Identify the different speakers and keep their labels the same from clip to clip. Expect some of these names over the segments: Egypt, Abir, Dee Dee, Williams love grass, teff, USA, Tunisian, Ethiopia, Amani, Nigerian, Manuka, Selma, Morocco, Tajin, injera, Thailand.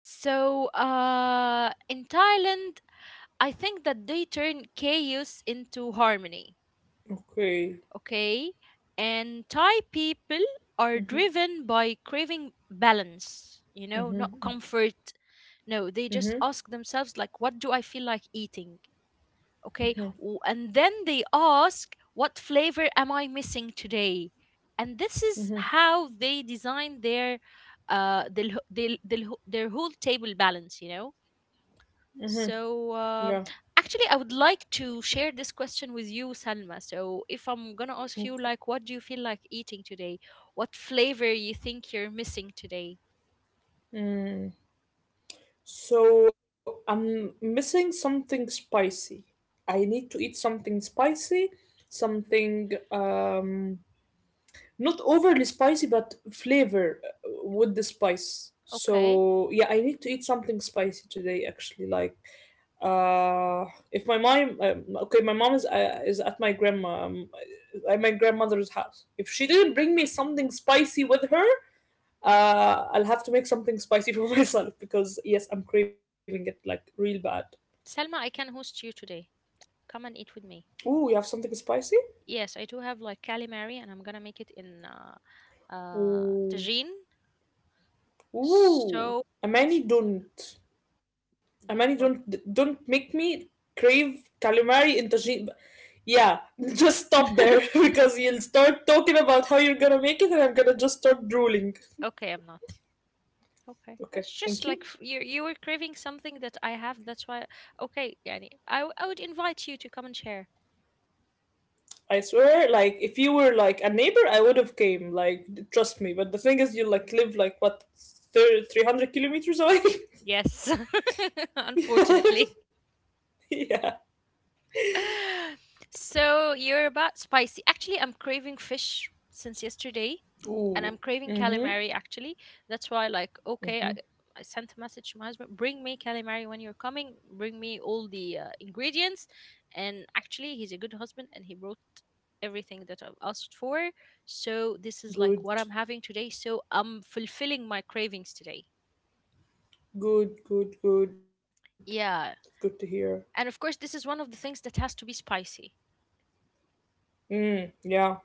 Speaker 1: So, in Thailand, I think that they turn chaos into harmony.
Speaker 2: Okay.
Speaker 1: Okay? And Thai people are driven by craving balance, not comfort.
Speaker 2: Mm-hmm.
Speaker 1: No, they just
Speaker 2: Mm-hmm.
Speaker 1: ask themselves, like, what do I feel like eating? Okay. And then they ask, what flavor am I missing today? And this is
Speaker 2: Mm-hmm.
Speaker 1: how they design Uh, their, their whole table balance, you know?
Speaker 2: Mm-hmm.
Speaker 1: So,
Speaker 2: Yeah.
Speaker 1: actually, I would like to share this question with you, Salma. So, if I'm gonna ask you,
Speaker 2: Okay.
Speaker 1: like, what do you feel like eating today? What flavor you think you're missing today?
Speaker 2: Mm. So I'm missing something spicy. I need to eat something spicy, something, not overly spicy, but flavor, with the spice. So
Speaker 1: Okay,
Speaker 2: yeah, I need to eat something spicy today. Actually, like, uh, if my mom, okay, my mom is at my grandma, at my grandmother's house. If she didn't bring me something spicy with her, I'll have to make something spicy for myself because yes, I'm craving it like real bad.
Speaker 1: Salma, I can host you today. Come and eat with me.
Speaker 2: Ooh, you have something spicy?
Speaker 1: Yes, I do have like calamari, and I'm gonna make it in
Speaker 2: Ooh,
Speaker 1: tagine.
Speaker 2: ooh,
Speaker 1: So it's
Speaker 2: Amani, don't. Amani, don't
Speaker 1: don't want.
Speaker 2: don't make me crave calamari and Tajin. Yeah, just stop there because you'll
Speaker 1: Okay,
Speaker 2: start talking about how you're gonna make it, and I'm gonna just start drooling.
Speaker 1: okay, I'm not. Okay,
Speaker 2: Okay,
Speaker 1: it's just
Speaker 2: thank
Speaker 1: like
Speaker 2: you.
Speaker 1: you were craving something that I have. That's why. Okay, yani, I would invite you to come and share.
Speaker 2: I swear, like if you were like a neighbor, I would have came. Like trust me. But the thing is, you like live like, what, 300 kilometers away.
Speaker 1: Yes, unfortunately.
Speaker 2: Yeah.
Speaker 1: So you're about spicy. Actually, I'm craving fish since yesterday, and I'm
Speaker 2: Ooh.
Speaker 1: craving
Speaker 2: Mhm.
Speaker 1: calamari actually. That's why, like, okay, I sent a message to my husband, bring me calamari when you're coming, bring me all the ingredients. And actually, he's a good husband and he brought everything that I've asked for. So this is like
Speaker 2: Good.
Speaker 1: what I'm having today. So I'm fulfilling my cravings today.
Speaker 2: Good. Good. Good. Good to
Speaker 1: Yeah.
Speaker 2: hear.
Speaker 1: And of course, this is one of the things that has to be spicy.
Speaker 2: Mm. Yeah.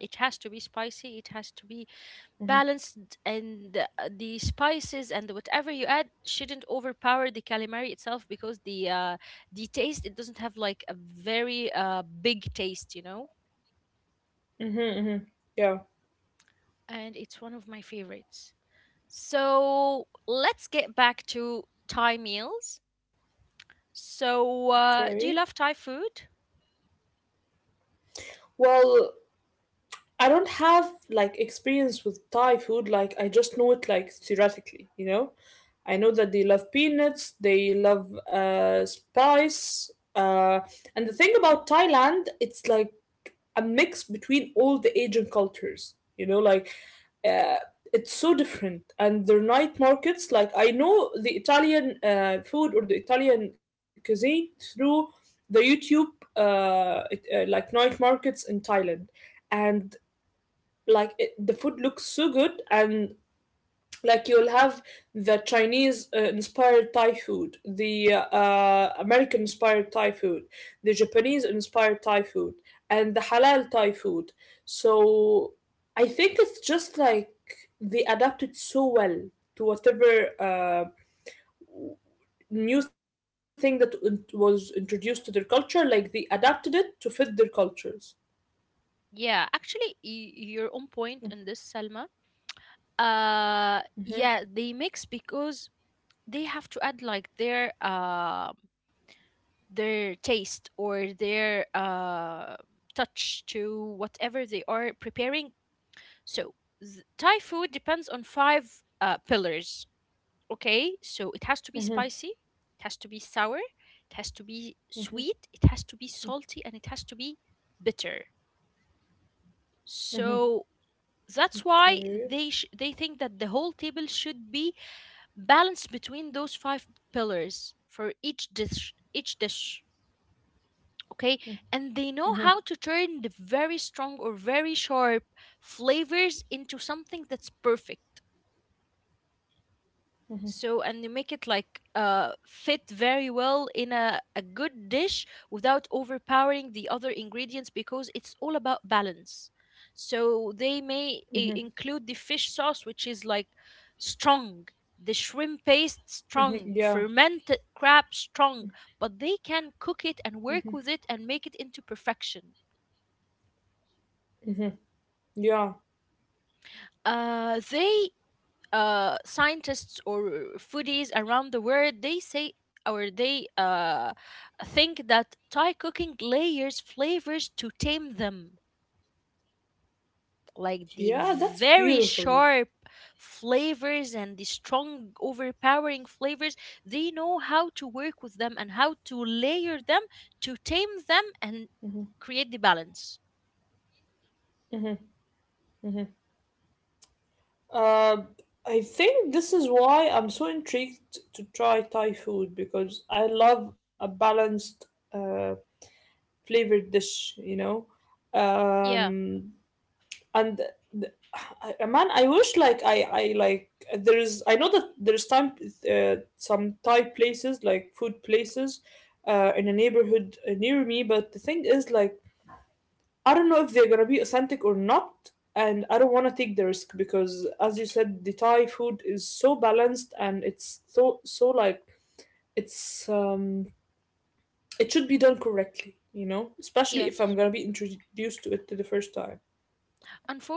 Speaker 1: It has to be spicy. It has to be balanced and the spices and whatever you add shouldn't overpower the calamari itself because the the taste it doesn't have like a very big taste,
Speaker 2: Mhm. Mhm. Yeah.
Speaker 1: and it's one of my favorites. So let's get back to Thai meals. So,
Speaker 2: Okay.
Speaker 1: do you love Thai food?
Speaker 2: Well, I don't have like experience with Thai food. Like I just know it like theoretically. I know that they love peanuts, they love, spice, and the thing about Thailand, it's like a mix between all the Asian cultures. You know, like, uh, it's so different, and their night markets. Like I know the Italian food, or the Italian cuisine through the YouTube, like night markets in Thailand, and like, it, the food looks so good, and like you'll have the Chinese inspired Thai food, the American inspired Thai food, the Japanese inspired Thai food, and the halal Thai food. So I think it's just like they adapted so well to whatever new thing that was introduced to their culture. Like they adapted it to fit their cultures.
Speaker 1: Yeah, actually, you're on point in this, Selma. Yeah, they mix because they have to add like their taste or their touch to whatever they are preparing. So Thai food depends on five pillars. Okay, so it has to be
Speaker 2: Mhm,
Speaker 1: spicy, it has to be sour, it has to be sweet, it has to be salty, and it has to be bitter. So that's why
Speaker 2: okay,
Speaker 1: they think that the whole table should be balance between those five pillars for each dish. Each dish. Okay. And they know how to turn the very strong or very sharp flavors into something that's perfect. So, and you make it like fit very well in a good dish without overpowering the other ingredients because it's all about balance. So they include the fish sauce, which is like strong. The shrimp paste, strong.
Speaker 2: yeah,
Speaker 1: Fermented crab, strong. But they can cook it and work with it and make it into perfection.
Speaker 2: yeah,
Speaker 1: They Scientists or foodies around the world, they say, or they think that Thai cooking layers flavors to tame them, like the
Speaker 2: yeah, that's
Speaker 1: very
Speaker 2: beautiful.
Speaker 1: sharp flavors and the strong, overpowering flavors. They know how to work with them and how to layer them to tame them and create the balance.
Speaker 2: Uh, I think this is why I'm so intrigued to try Thai food, because I love a balanced, uh, flavored dish.
Speaker 1: Yeah.
Speaker 2: Um, and man, I wish, like I like, there's, I know that there's time, some Thai places, like food places, in a neighborhood near me, but the thing is, like, I don't know if they're gonna be authentic or not, and I don't want to take the risk because, as you said, the Thai food is so balanced and it's so like it's um it should be done correctly, you know, especially if
Speaker 1: Yes.
Speaker 2: I'm gonna be introduced to it to the first time.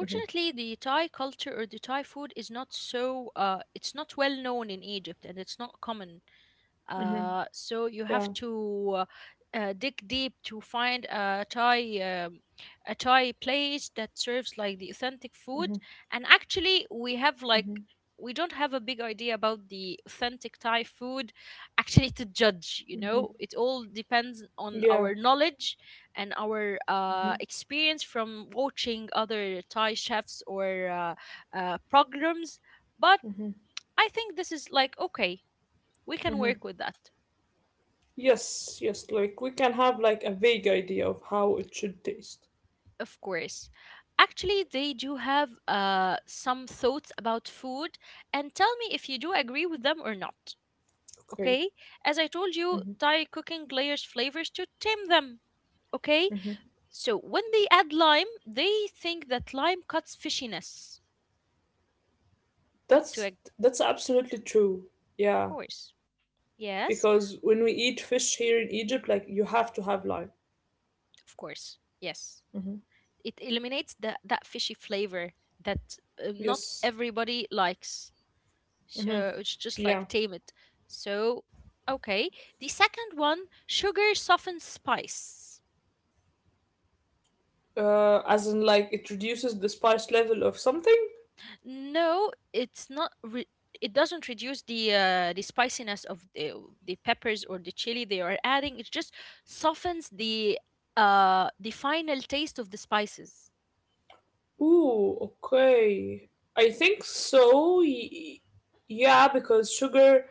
Speaker 2: Hmm.
Speaker 1: the Thai culture or the Thai food is not so it's not well known in Egypt, and it's not common.
Speaker 2: Hmm.
Speaker 1: So you have
Speaker 2: Yeah.
Speaker 1: to dig deep to find um, a Thai place that serves like the authentic food.
Speaker 2: Hmm.
Speaker 1: And actually,
Speaker 2: Hmm.
Speaker 1: we don't have a big idea about the authentic Thai food actually to judge. You know, it all depends on
Speaker 2: Yeah.
Speaker 1: our knowledge and our experience from watching other Thai chefs or programs. But I think this is like, okay, we can work with that.
Speaker 2: Yes. Yes. Like we can have like a vague idea of how it should taste.
Speaker 1: Of course. Actually, they do have some thoughts about food, and tell me if you do agree with them or not.
Speaker 2: Okay.
Speaker 1: Okay? As I told
Speaker 2: Hmm.
Speaker 1: you, Thai cooking layers flavors to tame them. Okay? So when they add lime, they think that lime cuts fishiness.
Speaker 2: That's
Speaker 1: Of
Speaker 2: that's absolutely true. Yeah.
Speaker 1: course. Yes.
Speaker 2: Because when we eat fish here in Egypt, like, you have to have lime.
Speaker 1: Of course. Yes. It eliminates that fishy flavor that not
Speaker 2: Yes,
Speaker 1: everybody likes. So it's just like
Speaker 2: yeah.
Speaker 1: tame it. So, okay. The second one, sugar softens spice.
Speaker 2: As in, like, it reduces the spice level of something.
Speaker 1: No, it's not. It doesn't reduce the the spiciness of the peppers or the chili they are adding. It just softens the final taste of the spices.
Speaker 2: Ooh, okay. I think so. Yeah, because sugar.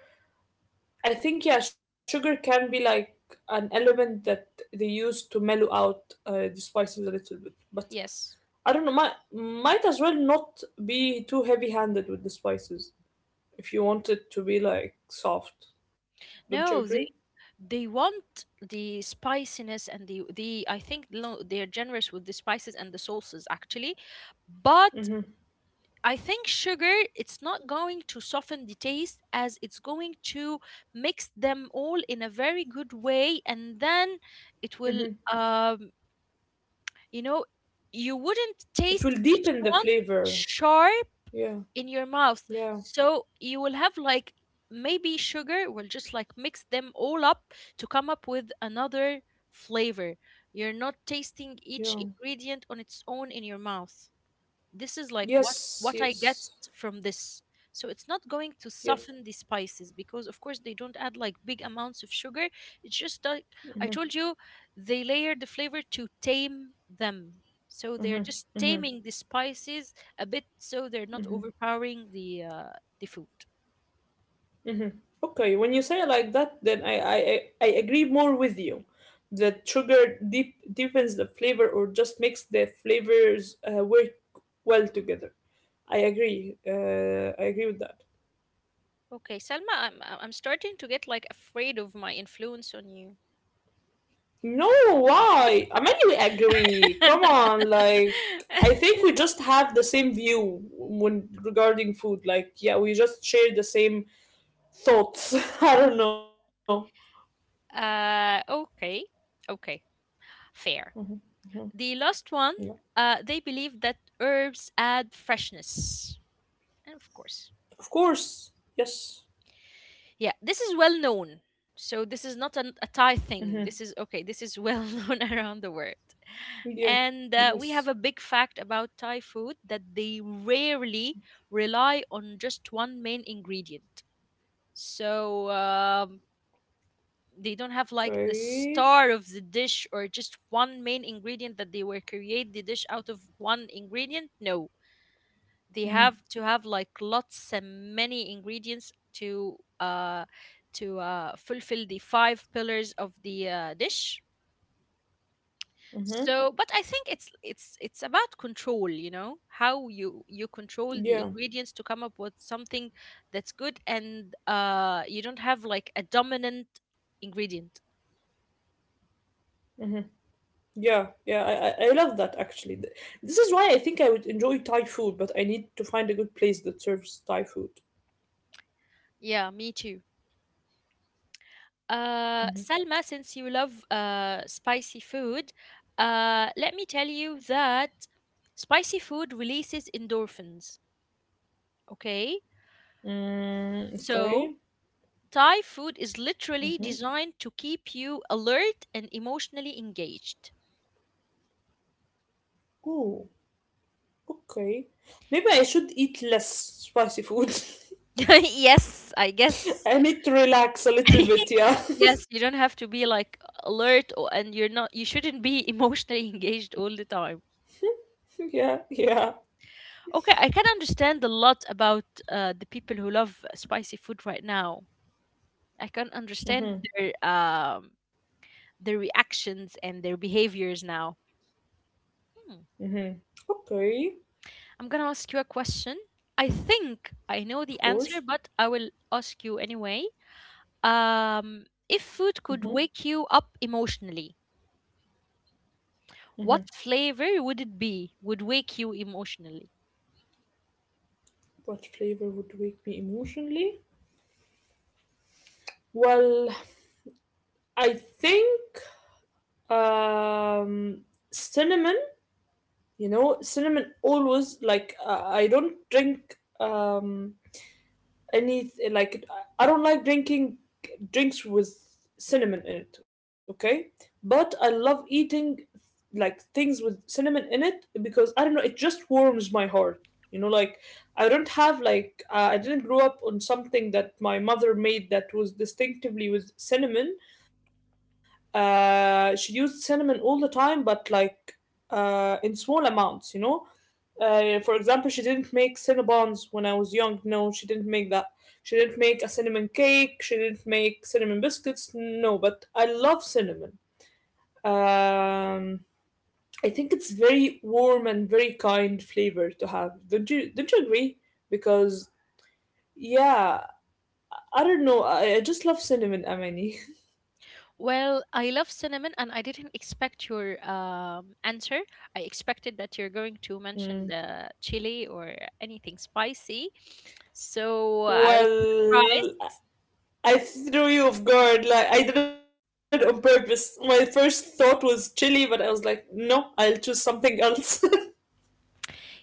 Speaker 2: I think, yeah, sugar can be like an element that they use to mellow out the spices a little bit. But
Speaker 1: Yes.
Speaker 2: I don't know. Might as well not be too heavy-handed with the spices if you want it to be like soft. Don't you agree?
Speaker 1: No, they want the spiciness and the I think no, they're generous with the spices and the sauces actually, but I think sugar, it's not going to soften the taste as it's going to mix them all in a very good way. And then it will, um, you know, you wouldn't
Speaker 2: It
Speaker 1: taste
Speaker 2: will
Speaker 1: each
Speaker 2: deepen the
Speaker 1: one
Speaker 2: flavor.
Speaker 1: sharp
Speaker 2: Yeah,
Speaker 1: in your mouth.
Speaker 2: yeah,
Speaker 1: So you will have like, maybe sugar will just like mix them all up to come up with another flavor. You're not tasting each
Speaker 2: yeah.
Speaker 1: ingredient on its own in your mouth. This is like what
Speaker 2: Yes,
Speaker 1: what I get
Speaker 2: yes,
Speaker 1: from this. So it's not going to
Speaker 2: yes.
Speaker 1: soften the spices because of course they don't add like big amounts of sugar. It's just like I told you, they layer the flavor to tame them. So they're just taming the spices a bit so they're not overpowering the the food.
Speaker 2: Okay, when you say it like that, then I agree more with you. That sugar deepens the flavor, or just makes the flavors, work well together. I agree. I agree with that.
Speaker 1: Okay, Selma, I'm starting to get like afraid of my influence on you.
Speaker 2: No, why? I mean, we agree. Come on, like, I think we just have the same view when regarding food. Like, yeah, we just share the same thoughts. I don't know.
Speaker 1: Okay. Okay. Fair. The last one,
Speaker 2: Yeah.
Speaker 1: they believe that herbs add freshness. And of course,
Speaker 2: Of course. Yes.
Speaker 1: yeah, this is well known. So this is not a
Speaker 2: Hmm.
Speaker 1: Thai thing. This is okay. This is well known around the world.
Speaker 2: Yeah.
Speaker 1: And we
Speaker 2: Yes.
Speaker 1: have a big fact about Thai food that they rarely rely on just one main ingredient. So they don't have like the
Speaker 2: Okay.
Speaker 1: star of the dish or just one main ingredient that they will create the dish out of one ingredient. No, they
Speaker 2: Hmm.
Speaker 1: have to have like lots and many ingredients to fulfill the five pillars of the dish.
Speaker 2: Hmm.
Speaker 1: So, but I think it's about control. You know how you control the
Speaker 2: Yeah.
Speaker 1: ingredients to come up with something that's good. And you don't have like a dominant ingredient.
Speaker 2: Yeah. Yeah. I love that, actually. This is why I think I would enjoy Thai food, but I need to find a good place that serves Thai food.
Speaker 1: Yeah, me too. Salma, since you love spicy food, let me tell you that spicy food releases endorphins. Okay?
Speaker 2: Mm,
Speaker 1: So,
Speaker 2: okay.
Speaker 1: Thai food is literally
Speaker 2: Mm-hmm.
Speaker 1: designed to keep you alert and emotionally engaged.
Speaker 2: Oh, okay. Maybe I should eat less spicy food.
Speaker 1: Yes, I guess.
Speaker 2: I need to relax a little bit, yeah.
Speaker 1: Yes, you don't have to be like alert or, and you shouldn't be emotionally engaged all the time.
Speaker 2: Yeah, yeah.
Speaker 1: Okay, I can understand a lot about the people who love spicy food right now. I can understand their reactions and their behaviors now. Hmm.
Speaker 2: Mm-hmm. Okay,
Speaker 1: I'm gonna ask you a question. I think I know the
Speaker 2: of
Speaker 1: answer,
Speaker 2: course.
Speaker 1: but I will ask you anyway. If food could wake you up emotionally, what flavor would it be? Would wake you emotionally?
Speaker 2: What flavor would wake me emotionally? Well, I think, um, cinnamon. You know, cinnamon always, like, I don't drink, any, like, I don't like drinking drinks with cinnamon in it, okay? But I love eating, like, things with cinnamon in it, because I don't know, it just warms my heart. You know, like, I don't have, like, I didn't grow up on something that my mother made that was distinctively with cinnamon. She used cinnamon all the time, but like, in small amounts. For example, she didn't make Cinnabons when I was young. No, she didn't make that. She didn't make a cinnamon cake. She didn't make cinnamon biscuits. No, but I love cinnamon. Um, I think it's very warm and very kind flavor to have. Don't you? Don't you agree? Because, yeah, I don't know. I just love cinnamon, Amani.
Speaker 1: Well, I love cinnamon, and I didn't expect your answer. I expected that you're going to mention
Speaker 2: Mm.
Speaker 1: the chili or anything spicy, so I was surprised.
Speaker 2: Well, I threw you off guard. Like, I did it on purpose. My first thought was chili, but I was like, no, I'll choose something else.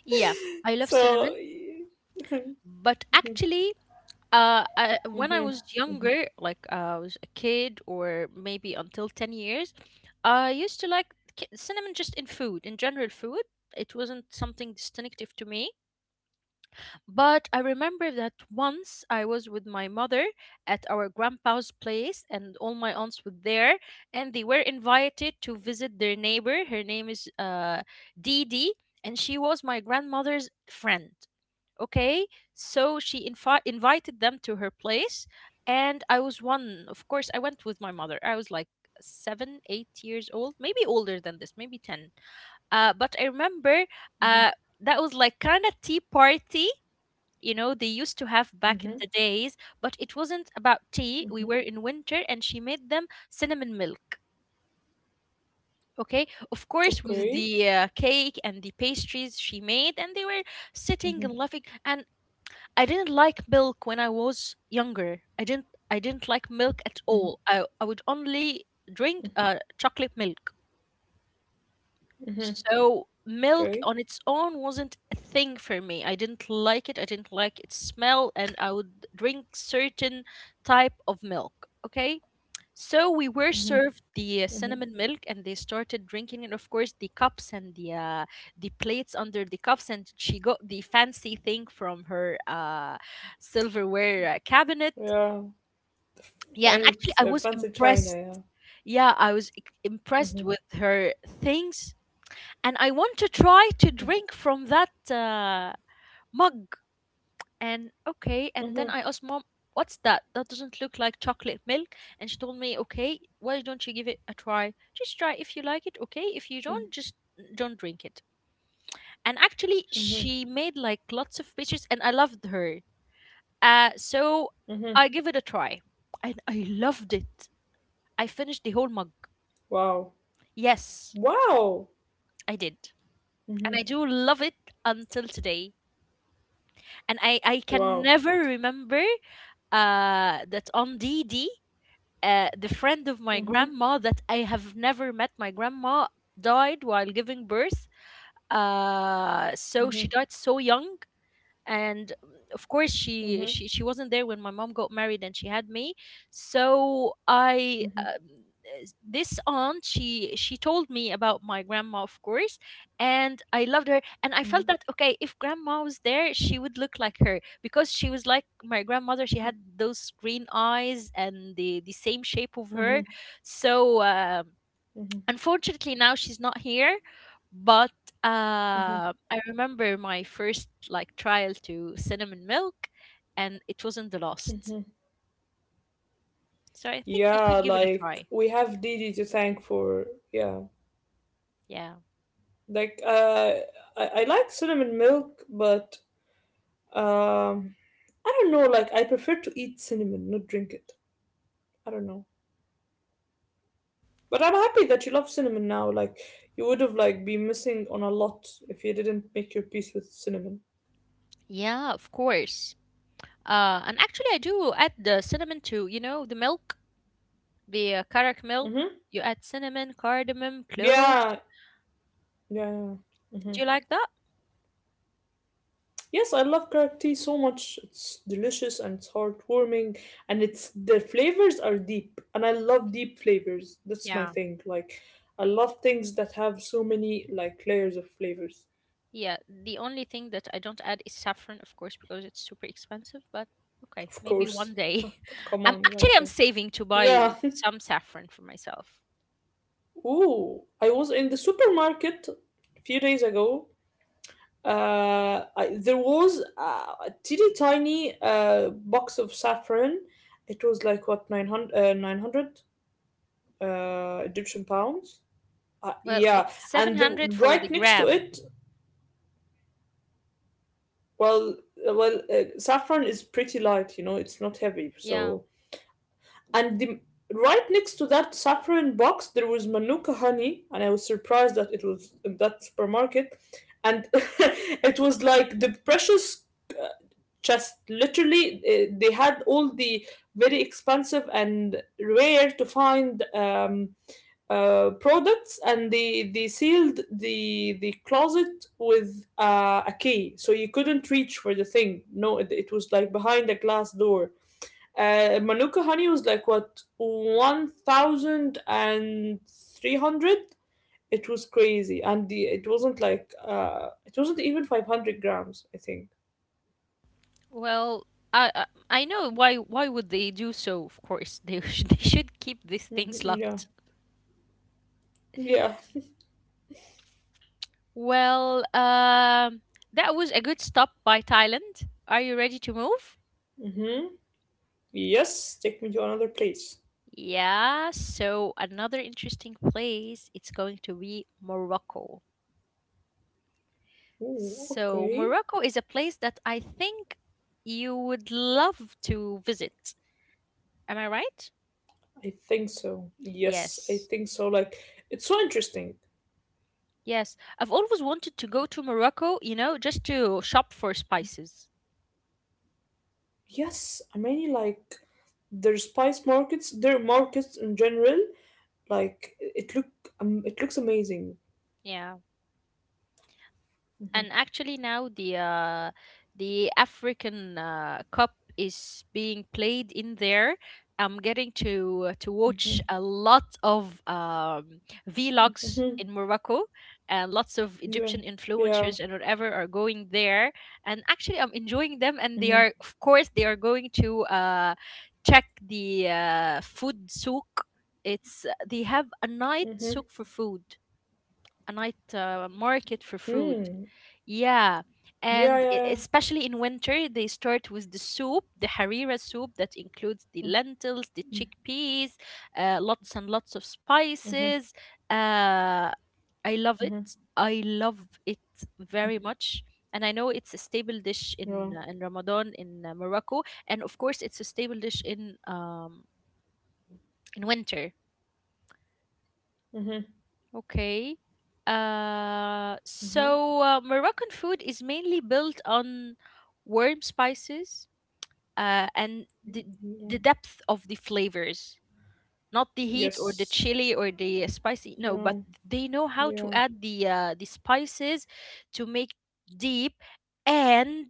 Speaker 1: Yeah, I love
Speaker 2: So,
Speaker 1: cinnamon, but actually, when I was
Speaker 2: mhm,
Speaker 1: younger, like I was a kid or maybe until 10 years, I used to like cinnamon just in food, in general food. It wasn't something distinctive to me, but I remember that once I was with my mother at our grandpa's place, and all my aunts were there, and they were invited to visit their neighbor. Her name is Dee Dee, and she was my grandmother's friend. Okay, so she invited them to her place. And I was one of course I went with my mother. I was like 7 8 years old, maybe older than this, maybe 10. But I remember
Speaker 2: mhm,
Speaker 1: uh, that was like kind of tea party, you know, they used to have back in
Speaker 2: mhm,
Speaker 1: the days. But it wasn't about tea. We
Speaker 2: mhm.
Speaker 1: were in winter, and she made them cinnamon milk. Okay, of
Speaker 2: Okay,
Speaker 1: course, with the cake and the pastries she made, and they were sitting and laughing and I didn't like milk when I was younger. I didn't like milk at all. I would only drink chocolate milk. So milk
Speaker 2: okay,
Speaker 1: on its own wasn't a thing for me. I didn't like it. I didn't like its smell and I would drink certain type of milk. Okay? So we were served the cinnamon milk, and they started drinking, and of course the cups and the plates under the cups, and she got the fancy thing from her silverware cabinet.
Speaker 2: yeah.
Speaker 1: Yeah,
Speaker 2: Fine,
Speaker 1: and actually
Speaker 2: it's
Speaker 1: I was
Speaker 2: fancy china,
Speaker 1: impressed.
Speaker 2: yeah.
Speaker 1: Yeah, I was impressed with her things, and I want to try to drink from that mug. And then
Speaker 2: Mhm,
Speaker 1: I asked mom, what's that? That doesn't look like chocolate milk. And she told me, okay, why don't you give it a try? Just try if you like it, okay? If you
Speaker 2: mm,
Speaker 1: don't, just don't drink it. And actually,
Speaker 2: mhm,
Speaker 1: she made like lots of pictures and I loved her. So
Speaker 2: mhm.
Speaker 1: I give it a try and I loved it. I finished the whole mug.
Speaker 2: Wow,
Speaker 1: Yes,
Speaker 2: wow,
Speaker 1: I did. And
Speaker 2: mhm,
Speaker 1: I do love it until today. And I can
Speaker 2: wow.
Speaker 1: never remember that on D D. The friend of my
Speaker 2: Mhm,
Speaker 1: grandma that I have never met. My grandma died while giving birth. So
Speaker 2: mhm,
Speaker 1: she died so young and of course
Speaker 2: mhm,
Speaker 1: she
Speaker 2: mhm,
Speaker 1: she she wasn't there when my mom got married and she had me so i
Speaker 2: mhm,
Speaker 1: um, this aunt she told me about my grandma, of course, and I loved her, and I felt that, okay, if grandma was there she would look like her, because she was like my grandmother. She had those green eyes and the same shape of her.
Speaker 2: mhm,
Speaker 1: So,
Speaker 2: mhm,
Speaker 1: unfortunately, now she's not here, but
Speaker 2: mhm,
Speaker 1: I remember my first like trial to cinnamon milk, and it wasn't the last.
Speaker 2: mhm.
Speaker 1: So I think you should
Speaker 2: Yeah,
Speaker 1: give it a
Speaker 2: like,
Speaker 1: try.
Speaker 2: we have Didi to thank for, yeah.
Speaker 1: Yeah.
Speaker 2: Like, I like cinnamon milk, but um, I don't know. Like, I prefer to eat cinnamon, not drink it. I don't know. But I'm happy that you love cinnamon now. Like, you would have like been missing on a lot if you didn't make your peace with cinnamon.
Speaker 1: Yeah, of course. And actually, I do add the cinnamon to, you know, the milk, the karak milk.
Speaker 2: Mm-hmm.
Speaker 1: You add cinnamon, cardamom, cloves.
Speaker 2: Yeah, yeah.
Speaker 1: Do you like that?
Speaker 2: Yes, I love carrot tea so much. It's delicious and it's heartwarming, and it's the flavors are deep, and I love deep flavors. That's my
Speaker 1: Yeah.
Speaker 2: thing. Like, I love things that have so many, like, layers of flavors.
Speaker 1: Yeah, the only thing that I don't add is saffron, of course, because it's super expensive, but okay,
Speaker 2: Of
Speaker 1: maybe
Speaker 2: course.
Speaker 1: one day.
Speaker 2: C- Come
Speaker 1: I'm
Speaker 2: on,
Speaker 1: actually
Speaker 2: like,
Speaker 1: I'm saving to buy
Speaker 2: yeah.
Speaker 1: some saffron for myself.
Speaker 2: Ooh, I was in the supermarket a few days ago. There was a teeny tiny box of saffron. It was like, what, 900, 900 Egyptian pounds.
Speaker 1: Well,
Speaker 2: Yeah,
Speaker 1: it's
Speaker 2: and
Speaker 1: 700 for the
Speaker 2: right next to
Speaker 1: gram.
Speaker 2: it, well, well, saffron is pretty light. You know, it's not heavy,
Speaker 1: Yeah.
Speaker 2: so. And right next to that saffron box, there was Manuka honey, and I was surprised that it was in that supermarket. And it was like the precious uh, chest. Literally, they had all the very expensive and rare to find products, and they sealed the closet with a key, so you couldn't reach for the thing. No, it was like behind a glass door. Manuka honey was like, what, 1,300. It was crazy, and the it wasn't like, it wasn't even 500 grams, I think.
Speaker 1: Well, I I I know why would they do so, of course. They they should keep these
Speaker 2: Hmm.
Speaker 1: things
Speaker 2: Yeah,
Speaker 1: locked.
Speaker 2: yeah.
Speaker 1: Well, that was a good stop by Thailand. Are you ready to move?
Speaker 2: Mm-hmm. Yes, take me to another place.
Speaker 1: Yeah, so another interesting place, it's going to be Morocco.
Speaker 2: Ooh,
Speaker 1: So
Speaker 2: okay.
Speaker 1: Morocco is a place that I think you would love to visit. Am I right?
Speaker 2: I think so. Yes, I
Speaker 1: Yes.
Speaker 2: think so. Like, it's so interesting.
Speaker 1: Yes. I've always wanted to go to Morocco, you know, just to shop for spices.
Speaker 2: Yes, I mean, like, their spice markets, their markets in general. Like, it looks amazing.
Speaker 1: Yeah, and actually now the African Cup is being played in there. I'm getting to watch a lot of vlogs in Morocco, and lots of
Speaker 2: Yeah.
Speaker 1: Egyptian
Speaker 2: Yeah.
Speaker 1: influencers and whatever are going there. And actually, I'm enjoying them, and they
Speaker 2: Mhm.
Speaker 1: are, of course, they are going to check the food souk. It's they have a night
Speaker 2: Mhm.
Speaker 1: souk for food, a night market for food.
Speaker 2: Mm.
Speaker 1: Yeah,
Speaker 2: Yeah. Yeah.
Speaker 1: and
Speaker 2: Yeah.
Speaker 1: especially in winter, they start with the soup, the harira soup that includes the lentils, the chickpeas, lots and lots of
Speaker 2: Mhm.
Speaker 1: spices. Uh, I love
Speaker 2: Mhm.
Speaker 1: it. I love it very much. And I know it's a staple dish
Speaker 2: Yeah.
Speaker 1: in Ramadan in Morocco, and of course it's a staple dish in winter.
Speaker 2: Mhm.
Speaker 1: Okay. Uh,
Speaker 2: Mhm.
Speaker 1: so uh, Moroccan food is mainly built on warm spices and the depth
Speaker 2: Yeah.
Speaker 1: of the flavors, not the heat or the chili or
Speaker 2: Yes.
Speaker 1: the spicy. No, but
Speaker 2: Yeah.
Speaker 1: they know how to add
Speaker 2: Yeah.
Speaker 1: the spices to make deep and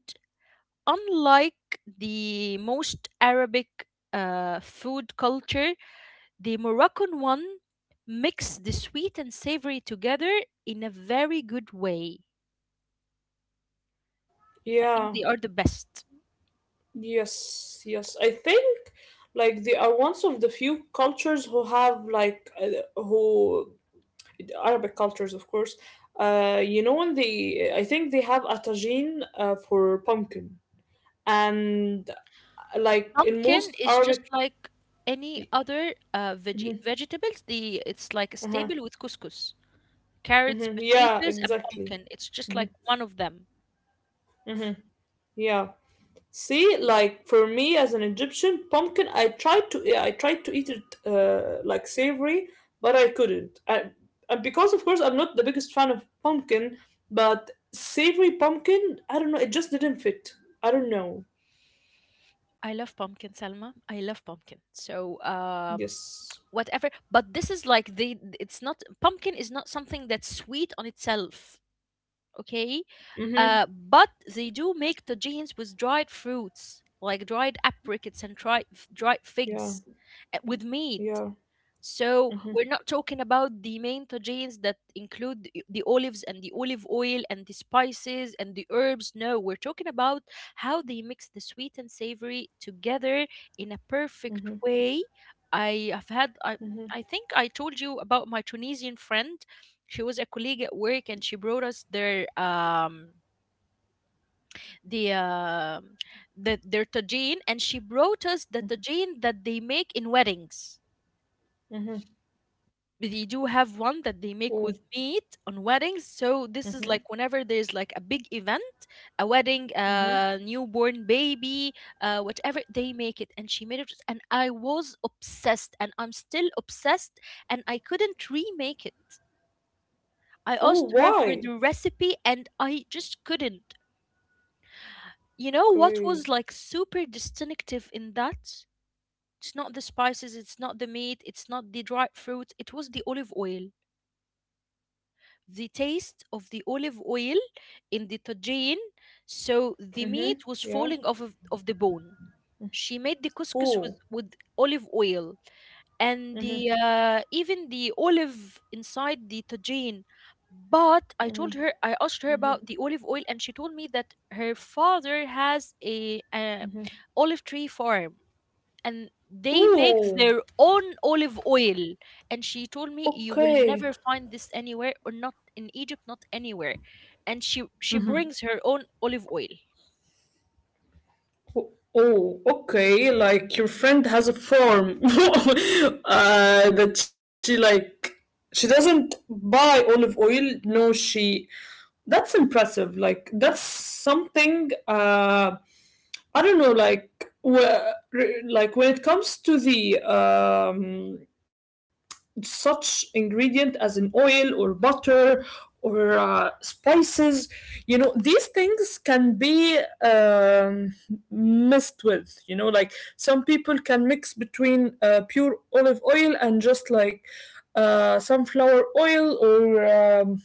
Speaker 1: unlike the most Arabic food culture, the Moroccan one mix the sweet and savory together in a very good way. I think
Speaker 2: Yeah.
Speaker 1: they are the best.
Speaker 2: Yes. Yes. I think, like, they are one of the few cultures who have, like, who, Arabic cultures, of course. You know, when I think they have a tagine for pumpkin, and like in
Speaker 1: Pumpkin
Speaker 2: most
Speaker 1: is
Speaker 2: Arabic,
Speaker 1: just like any other
Speaker 2: uh
Speaker 1: veggie vegetables. The It's like a
Speaker 2: huh.
Speaker 1: staple with couscous, carrots,
Speaker 2: Mhm, yeah,
Speaker 1: potatoes, and
Speaker 2: exactly.
Speaker 1: pumpkin. It's just
Speaker 2: Mhm,
Speaker 1: like one of them.
Speaker 2: mhm, yeah. See, like, for me as an Egyptian, pumpkin, I tried to, yeah, I tried to eat it like savory, but I couldn't. And because of course I'm not the biggest fan of pumpkin, but savory pumpkin, I don't know, it just didn't fit. I don't know.
Speaker 1: I love pumpkin, Salma. I love pumpkin. So
Speaker 2: Yes.
Speaker 1: whatever, but this is like the it's not, pumpkin is not something that's sweet on itself, okay?
Speaker 2: Mm-hmm.
Speaker 1: But they do make tagines with dried fruits, like dried apricots and dried
Speaker 2: Yeah.
Speaker 1: figs, with meat.
Speaker 2: Yeah.
Speaker 1: So
Speaker 2: Mm-hmm.
Speaker 1: we're not talking about the main tagines that include the olives and the olive oil and the spices and the herbs. No, we're talking about how they mix the sweet and savory together in a perfect
Speaker 2: Mm-hmm.
Speaker 1: way. I have had
Speaker 2: Mm-hmm.
Speaker 1: I think I told you about my Tunisian friend. She was a colleague at work and she brought us their the um their tagine, and she brought us the tagine that they make in weddings.
Speaker 2: Hmm.
Speaker 1: They do have one that they
Speaker 2: Oh.
Speaker 1: make with meat on weddings, so this is
Speaker 2: Mm-hmm.
Speaker 1: like whenever there's like a big event, a wedding,
Speaker 2: Mm-hmm.
Speaker 1: a newborn baby, whatever, they make it. And she made it, and I was obsessed, and I'm still obsessed, and I couldn't remake it. I
Speaker 2: Oh,
Speaker 1: asked her for
Speaker 2: why?
Speaker 1: the recipe and I just couldn't. You know what
Speaker 2: Okay.
Speaker 1: was like super distinctive in that? It's not the spices, it's not the meat, it's not the dried fruit, it was the olive oil, the taste of the olive oil in the tajine, so the
Speaker 2: Mm-hmm.
Speaker 1: meat was
Speaker 2: Yeah.
Speaker 1: falling off of the bone. She made the couscous
Speaker 2: Oh.
Speaker 1: with olive oil, and
Speaker 2: Mm-hmm.
Speaker 1: the even the olive inside the tajine. But I
Speaker 2: Mm-hmm.
Speaker 1: told her, I asked her about the olive oil, and she told me that her father has a olive tree farm and they make
Speaker 2: Ooh,
Speaker 1: their own olive oil. And she told me, "You will
Speaker 2: okay.
Speaker 1: never find this anywhere, or not in Egypt, not anywhere." And she brings her own olive oil.
Speaker 2: Oh, okay. Like, your friend has a form that she, like. She doesn't buy olive oil. No, she. That's impressive. Like, that's something. I don't know. Like, where, like, when it comes to the, such ingredient as an oil or butter or, spices, you know, these things can be, um, messed with, like, some people can mix between, pure olive oil and just like, sunflower oil, or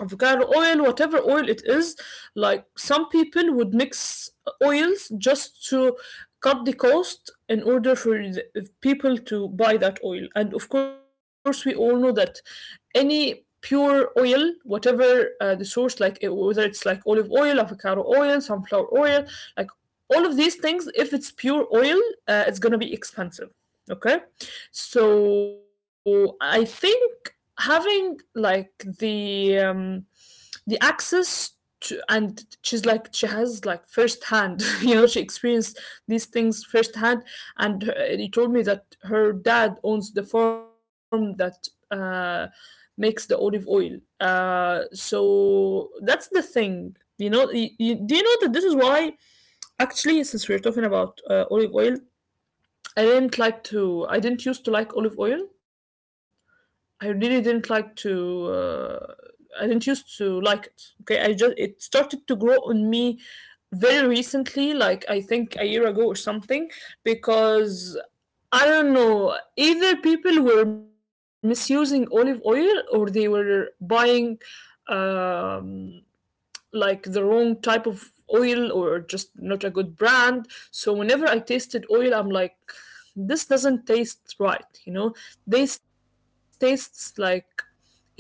Speaker 2: avocado oil, whatever oil it is. Like, some people would mix oils just to cut the cost in order for the people to buy that oil. And of course, we all know that any pure oil, whatever the source, like whether it's like olive oil, avocado oil, sunflower oil, like all of these things, if it's pure oil, it's gonna be expensive. Okay, so I think having like the the access to, and she's like she has like firsthand you know she experienced these things firsthand and he told me that her dad owns the farm that makes the olive oil, so that's the thing, you know, do you know that this is why actually since we're talking about olive oil, I didn't used to like olive oil. I really didn't like to. I didn't used to like it. Okay, I just it started to grow on me very recently, like I think a year ago or something, because I don't know. Either people were misusing olive oil or they were buying um, like the wrong type of oil or just not a good brand. So whenever I tasted oil, I'm like, this doesn't taste right, you know? This tastes like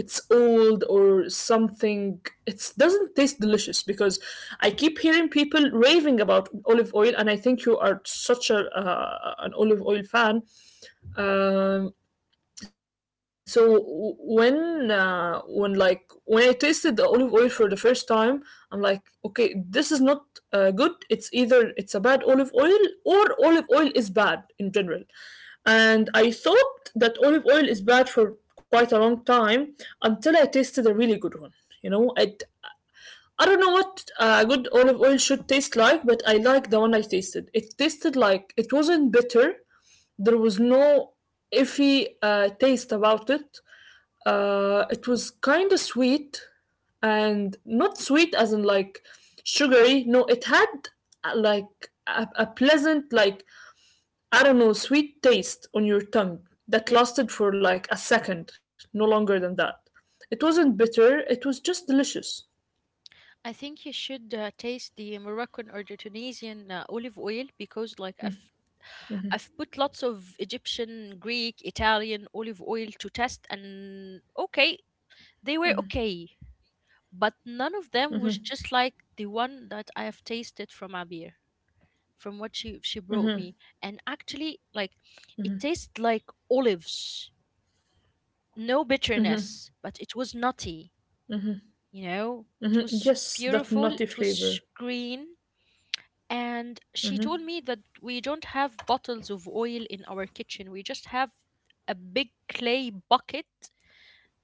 Speaker 2: it's old or something. It doesn't taste delicious because I keep hearing people raving about olive oil, and I think you are such a an olive oil fan. Um, so when when I tasted the olive oil for the first time, I'm like, okay, this is not good. It's either it's a bad olive oil or olive oil is bad in general. And I thought that olive oil is bad for quite a long time until I tasted a really good one. You know, I don't know what good olive oil should taste like, but I like the one I tasted. It tasted like it wasn't bitter. There was no iffy taste about it. It was kind of sweet, and not sweet as in like sugary. No, it had uh, like a pleasant, like, I don't know, sweet taste on your tongue
Speaker 1: Yes,
Speaker 2: that lasted for like a second, no longer than that. It wasn't bitter, it was just delicious.
Speaker 1: I think you should taste the Moroccan or the Tunisian olive oil because, like, I've put lots of Egyptian, Greek, Italian olive oil to test, and okay, they were okay, but none of them was just like the one that I have tasted from Abir, from what she brought me. And actually, like, it tastes like olives, no bitterness, but it was nutty, you know. It
Speaker 2: Mm,
Speaker 1: was
Speaker 2: yes, that
Speaker 1: beautiful,
Speaker 2: nutty
Speaker 1: it was
Speaker 2: flavor.
Speaker 1: green. And she told me that we don't have bottles of oil in our kitchen, we just have a big clay bucket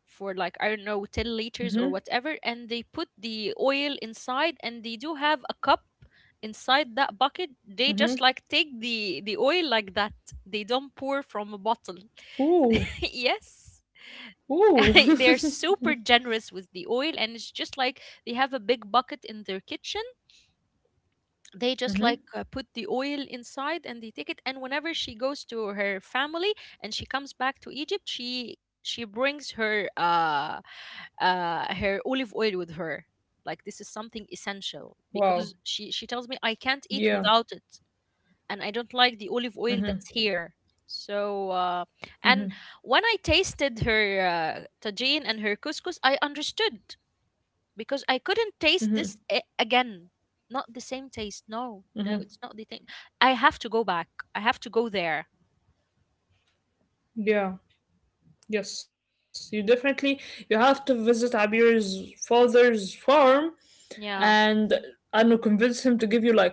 Speaker 1: for, like, I don't know, 10 liters or whatever, and they put the oil inside, and they do have a cup inside that bucket. They just like take the oil like that, they don't pour from a bottle.
Speaker 2: Ooh,
Speaker 1: Yes.
Speaker 2: ooh.
Speaker 1: They're super generous with the oil, and it's just like they have a big bucket in their kitchen. They just like
Speaker 2: Mhm.
Speaker 1: put the oil inside and they take it. And whenever she goes to her family and she comes back to Egypt, she brings her her olive oil with her, like this is something essential, because
Speaker 2: Wow.
Speaker 1: she tells me, I can't eat
Speaker 2: Yeah.
Speaker 1: without it, and I don't like the olive oil that's here. So uh and when I tasted her tajine and her couscous, I understood, because I couldn't taste this again. Not the same taste. No, no, it's not the same. I have to go back. I have to go there.
Speaker 2: Yeah. Yes. You definitely, you have to visit Abir's father's farm,
Speaker 1: Yeah.
Speaker 2: and I don't know, convince him to give you like a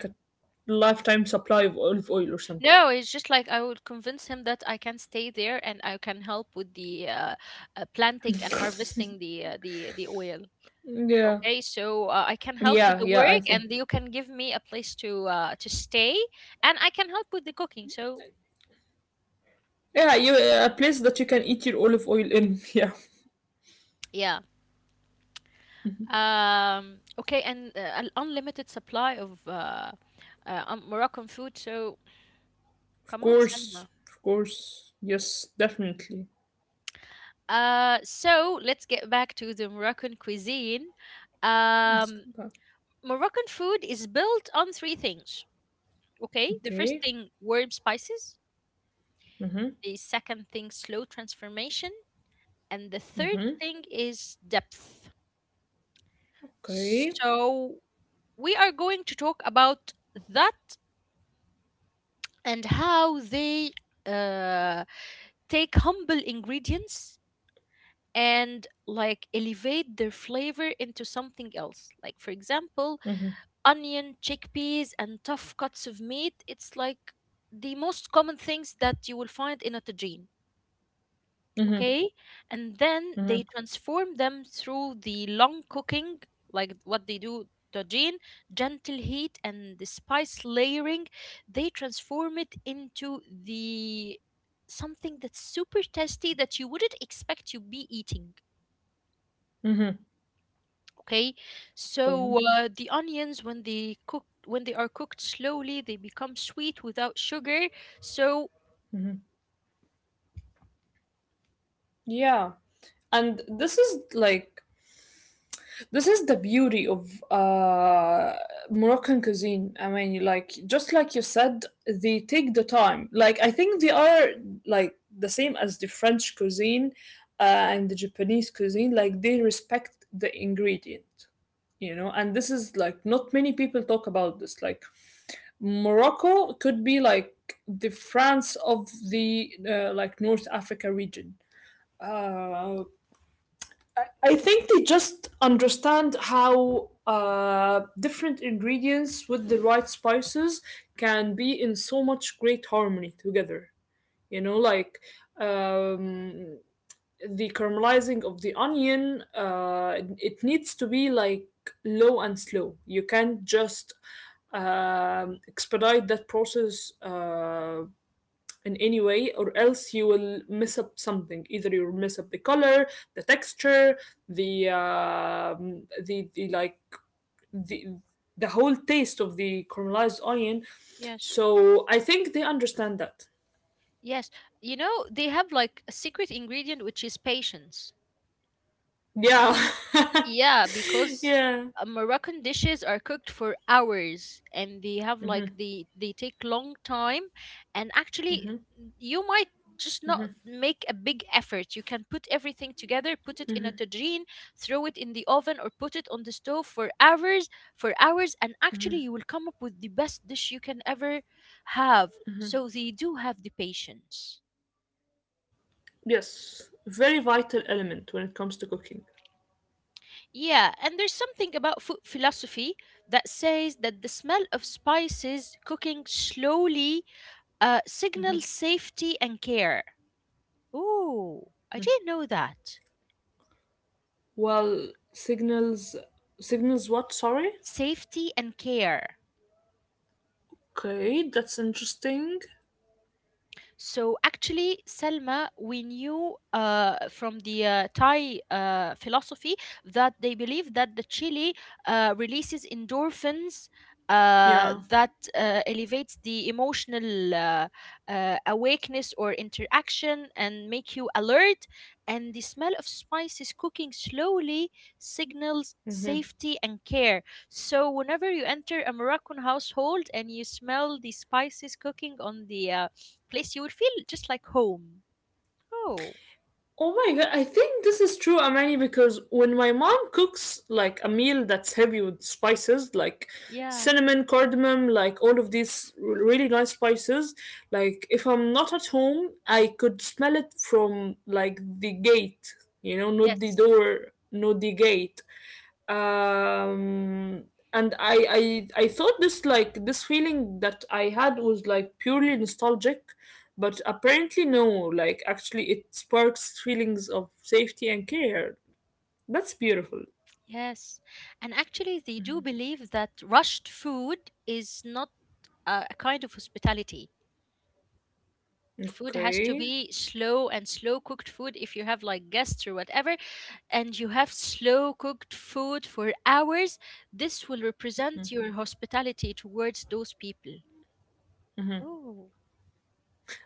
Speaker 2: lifetime supply of olive oil or something.
Speaker 1: No, it's just like I would convince him that I can stay there and I can help with the planting and harvesting the oil.
Speaker 2: Yeah,
Speaker 1: Okay, so I can help with
Speaker 2: yeah,
Speaker 1: the
Speaker 2: yeah. I
Speaker 1: work,
Speaker 2: think.
Speaker 1: and you can give me a place to stay, and I can help with the cooking. So
Speaker 2: Yeah, you a place that you can eat your olive oil in. Yeah,
Speaker 1: yeah. Okay, and an unlimited supply of Moroccan food. So
Speaker 2: of
Speaker 1: come on,
Speaker 2: course,
Speaker 1: Salma.
Speaker 2: of course. Yes, definitely.
Speaker 1: So let's get back to the Moroccan cuisine.
Speaker 2: Let's go
Speaker 1: Um,
Speaker 2: back.
Speaker 1: Moroccan food is built on three things. Okay, the first
Speaker 2: Okay,
Speaker 1: thing, warm spices. The second thing, slow transformation, and the third thing is depth.
Speaker 2: okay.
Speaker 1: So we are going to talk about that and how they uh, take humble ingredients and like elevate their flavor into something else. Like, for example, onion, chickpeas, and tough cuts of meat. It's like the most common things that you will find in a tagine,
Speaker 2: Mm-hmm,
Speaker 1: okay, and then they
Speaker 2: mm-hmm,
Speaker 1: transform them through the long cooking. Like what they do, tajin, gentle heat and the spice layering, they transform it into the something that's super tasty that you wouldn't expect to be eating,
Speaker 2: mm-hmm.
Speaker 1: okay?
Speaker 2: Okay.
Speaker 1: So the onions, when they cook, when they are cooked slowly, they become sweet without sugar. So
Speaker 2: Yeah, and this is like this is the beauty of Moroccan cuisine. I mean, like just like you said, they take the time. Like I think they are like the same as the French cuisine and the Japanese cuisine. Like they respect the ingredient, you know. And this is like not many people talk about this. Like Morocco could be like the France of the like North Africa region. Uh, I think they just understand how different ingredients with the right spices can be in so much great harmony together. You know, like um, the caramelizing of the onion, it needs to be like low and slow. You can't just expedite that process in any way, or else you will mess up something. Either you'll mess up the color, the texture, the like the the whole taste of the caramelized onion.
Speaker 1: yes.
Speaker 2: So I think they understand that.
Speaker 1: Yes, you know, they have like a secret ingredient, which is patience.
Speaker 2: Yeah.
Speaker 1: Yeah, because
Speaker 2: Yeah,
Speaker 1: Moroccan dishes are cooked for hours, and they have like they take long time. And actually, you might just not make a big effort. You can put everything together, put it in a tajine, throw it in the oven or put it on the stove for hours, for hours, and actually you will come up with the best dish you can ever have. So they do have the patience.
Speaker 2: yes, very vital element when it comes to cooking.
Speaker 1: Yeah, and there's something about food philosophy that says that the smell of spices cooking slowly signals safety and care. Ooh, I didn't know that.
Speaker 2: Well, signals signals what, sorry?
Speaker 1: Safety and care.
Speaker 2: Okay, that's interesting.
Speaker 1: So actually, Selma, we knew from the Thai philosophy that they believe that the chili releases endorphins
Speaker 2: Yeah.
Speaker 1: that elevates the emotional awakeness or interaction and make you alert. And the smell of spices cooking slowly signals safety and care. So whenever you enter a Moroccan household and you smell the spices cooking on the place, you will feel just like home. Oh,
Speaker 2: Oh my god, I think this is true, Amani, because when my mom cooks like a meal that's heavy with spices, like
Speaker 1: yeah.
Speaker 2: cinnamon, cardamom, like all of these really nice spices, like if I'm not at home, I could smell it from like the gate, you know, not the
Speaker 1: Yes.
Speaker 2: door, not the gate, um and I thought this, like this feeling that I had was like purely nostalgic, but apparently no, like actually it sparks feelings of safety and care. That's beautiful.
Speaker 1: Yes. And actually, they do believe that rushed food is not a kind of hospitality. Food has to
Speaker 2: Okay,
Speaker 1: be slow, and slow cooked food if you have like guests or whatever, and you have slow cooked food for hours. This will represent your hospitality towards those people. Oh,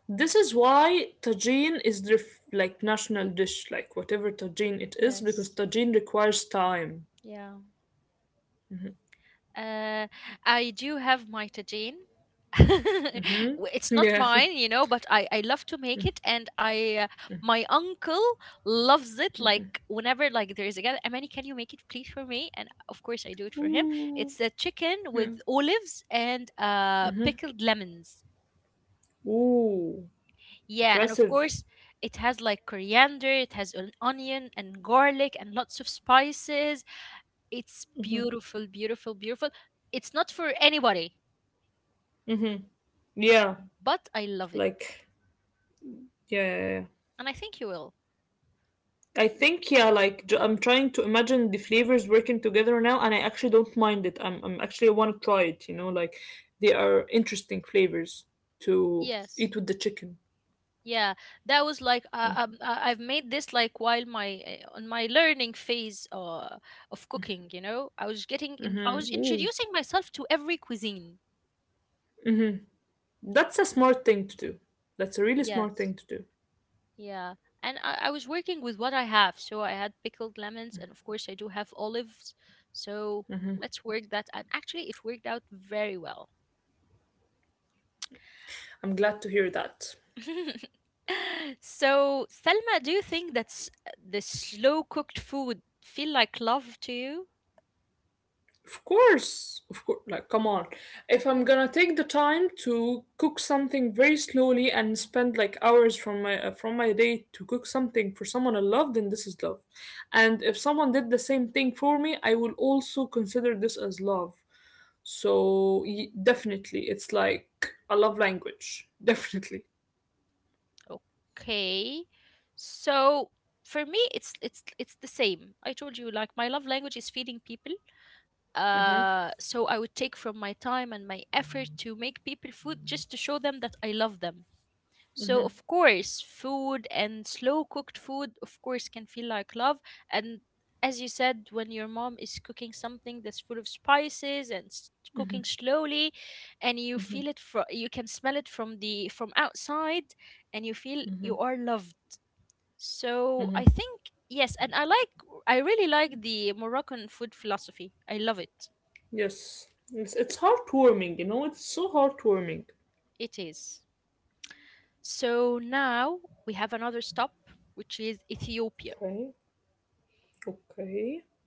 Speaker 2: this is why tajine is the like national dish, like whatever tajine it is, because
Speaker 1: yes.
Speaker 2: tajine requires time.
Speaker 1: Yeah. Uh, I do have my
Speaker 2: Hmm.
Speaker 1: It's not
Speaker 2: Yeah.
Speaker 1: mine, but I love to make it, and I my uncle loves it. Like whenever like there is a gather, Amani, can you make it please for me? And of course I do it for him.
Speaker 2: Ooh,
Speaker 1: It's a chicken with
Speaker 2: yeah,
Speaker 1: olives and pickled lemons.
Speaker 2: ooh,
Speaker 1: Yeah, and of
Speaker 2: impressive.
Speaker 1: course it has like coriander, it has an onion and garlic and lots of spices. It's beautiful, beautiful, beautiful. It's not for anybody,
Speaker 2: Mm-hmm. Yeah,
Speaker 1: but I love it,
Speaker 2: like. Yeah, yeah, yeah.
Speaker 1: and I think you will.
Speaker 2: I think yeah, like I'm trying to imagine the flavors working together now, and I actually don't mind it. I'm actually want to try it. You know, like they are interesting flavors to
Speaker 1: Yes,
Speaker 2: eat with the chicken.
Speaker 1: yeah, that was like I've made this like while my on my learning phase of cooking. I was getting in, I was
Speaker 2: Mm-hmm. Ooh,
Speaker 1: introducing myself to every cuisine.
Speaker 2: that's a smart thing to do. That's a really smart
Speaker 1: Yes,
Speaker 2: thing to do.
Speaker 1: yeah, and I was working with what I have. So I had pickled lemons, and of course I do have olives. So let's work that, and actually it worked out very well.
Speaker 2: I'm glad to hear that.
Speaker 1: So, Selma, do you think that the slow cooked food feel like love to you?
Speaker 2: Of course, of course. Like, come on. If I'm gonna take the time to cook something very slowly and spend like hours from my day to cook something for someone I love, then this is love. And if someone did the same thing for me, I will also consider this as love. So definitely, it's like a love language. Definitely.
Speaker 1: Okay. So, for me it's the same. I told you like my love language is feeding people. Uh,
Speaker 2: Mm-hmm.
Speaker 1: so I would take from my time and my effort to make people food just to show them that I love them. So of course, food and slow cooked food, of course, can feel like love. And as you said, when your mom is cooking something that's full of spices and cooking slowly, and you feel it from, you can smell it from the from outside, and you feel you are loved. So I think yes, and I like, I really like the Moroccan food philosophy. I love it.
Speaker 2: Yes. It's heartwarming. You know, it's so heartwarming.
Speaker 1: It is. So now we have another stop, which is Ethiopia.
Speaker 2: Okay. Okay.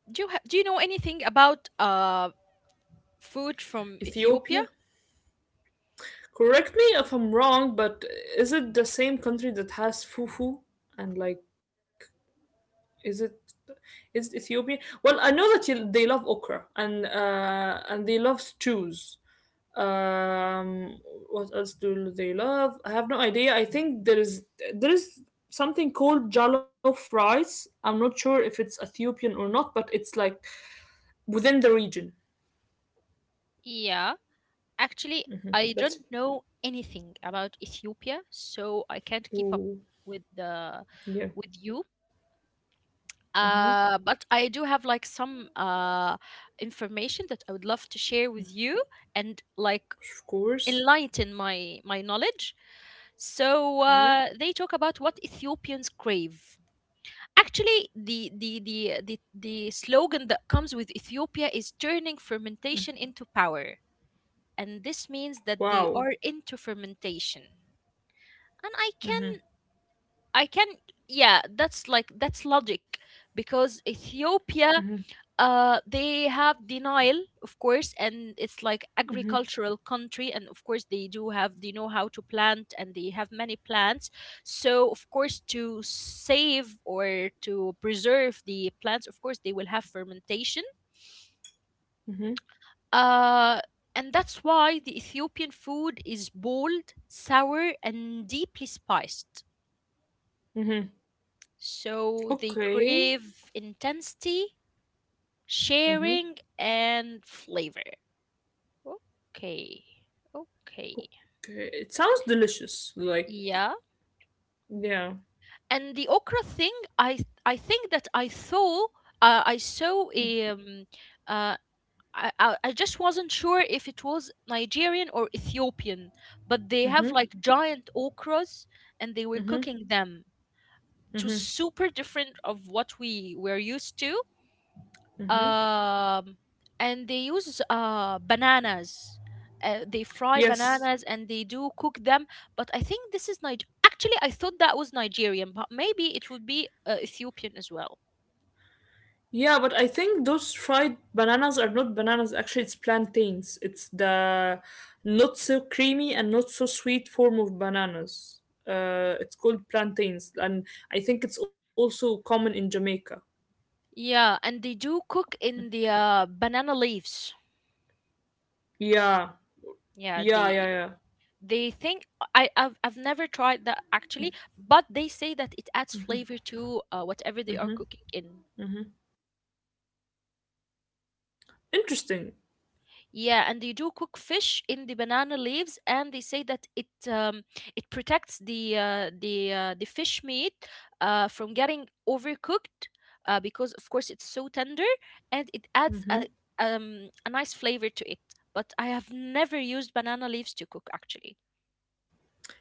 Speaker 1: Do you do you know anything about food from Ethiopia?
Speaker 2: Ethiopia. Correct me if I'm wrong, but is it the same country that has fufu? And like, is it is it Ethiopia? Well, I know that you, they love okra and they love stews. Um, what else do they love? I have no idea. I think there is something called jollof rice. I'm not sure if it's Ethiopian or not, but it's like within the region.
Speaker 1: Yeah, actually, I don't
Speaker 2: That's
Speaker 1: know anything about Ethiopia, so I can't keep up
Speaker 2: ooh,
Speaker 1: with the
Speaker 2: yeah,
Speaker 1: with you. But I do have like some information that I would love to share with you, and like
Speaker 2: of course.
Speaker 1: enlighten my my knowledge. So
Speaker 2: Okay.
Speaker 1: they talk about what Ethiopians crave. Actually, the slogan that comes with Ethiopia is turning fermentation into power, and this means that they are
Speaker 2: Wow.
Speaker 1: into fermentation. And I can yeah, that's like that's logic because Ethiopia they have denial, of course, and it's like agricultural country and of course they do have, they know how to plant and they have many plants, so of course to save or to preserve the plants, of course they will have fermentation, uh and that's why the Ethiopian food is bold, sour, and deeply spiced.
Speaker 2: Mm-hmm.
Speaker 1: So they
Speaker 2: Okay.
Speaker 1: crave intensity,
Speaker 2: Mm-hmm.
Speaker 1: sharing, and flavor. Okay. Okay.
Speaker 2: Okay. It sounds delicious. Like,
Speaker 1: Yeah.
Speaker 2: yeah.
Speaker 1: And the okra thing, I I think that I saw I saw uh I, I just wasn't sure if it was Nigerian or Ethiopian, but they have like
Speaker 2: Mm-hmm.
Speaker 1: giant okras and they were cooking
Speaker 2: Mm-hmm.
Speaker 1: them. It was
Speaker 2: Mm-hmm.
Speaker 1: super different of what we were used to, um, and they use bananas they fry bananas
Speaker 2: Yes.
Speaker 1: and they do cook them but I think this actually I thought that was Nigerian but maybe it would be Ethiopian as well.
Speaker 2: Yeah, but I think those fried bananas are not bananas. Actually, it's plantains. It's the not so creamy and not so sweet form of bananas. It's called plantains, and I think it's also common in Jamaica.
Speaker 1: Yeah, and they do cook in the banana leaves.
Speaker 2: Yeah.
Speaker 1: Yeah,
Speaker 2: Yeah. Yeah. Yeah.
Speaker 1: they think I've never tried that actually, but they say that it adds flavor to whatever they are cooking in.
Speaker 2: Mm-hmm. Interesting.
Speaker 1: Yeah, and they do cook fish in the banana leaves, and they say that it it protects the the fish meat from getting overcooked because of course it's so tender and it adds
Speaker 2: Mm-hmm.
Speaker 1: a nice flavor to it. But I have never used banana leaves to cook actually.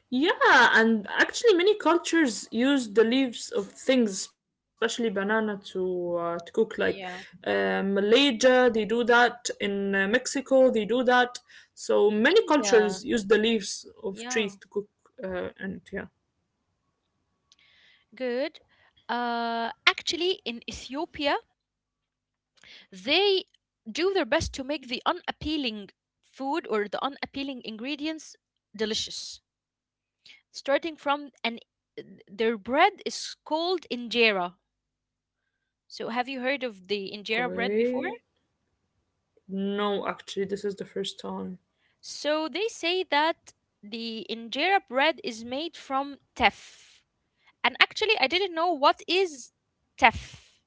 Speaker 2: Yeah, and actually, many cultures use the leaves of things, especially banana, to cook. Like
Speaker 1: Yeah.
Speaker 2: Malaysia, they do that. In Mexico, they do that. So many
Speaker 1: India,
Speaker 2: cultures use the leaves
Speaker 1: yeah,
Speaker 2: of trees to cook. And yeah,
Speaker 1: good. Actually, in Ethiopia they do their best to make the unappealing food or the unappealing ingredients delicious. Starting from an their bread is called injera. So have you heard of the injera bread before?
Speaker 2: okay. No, actually, this is the first time.
Speaker 1: So they say that the injera bread is made from teff. And actually I didn't know what is teff,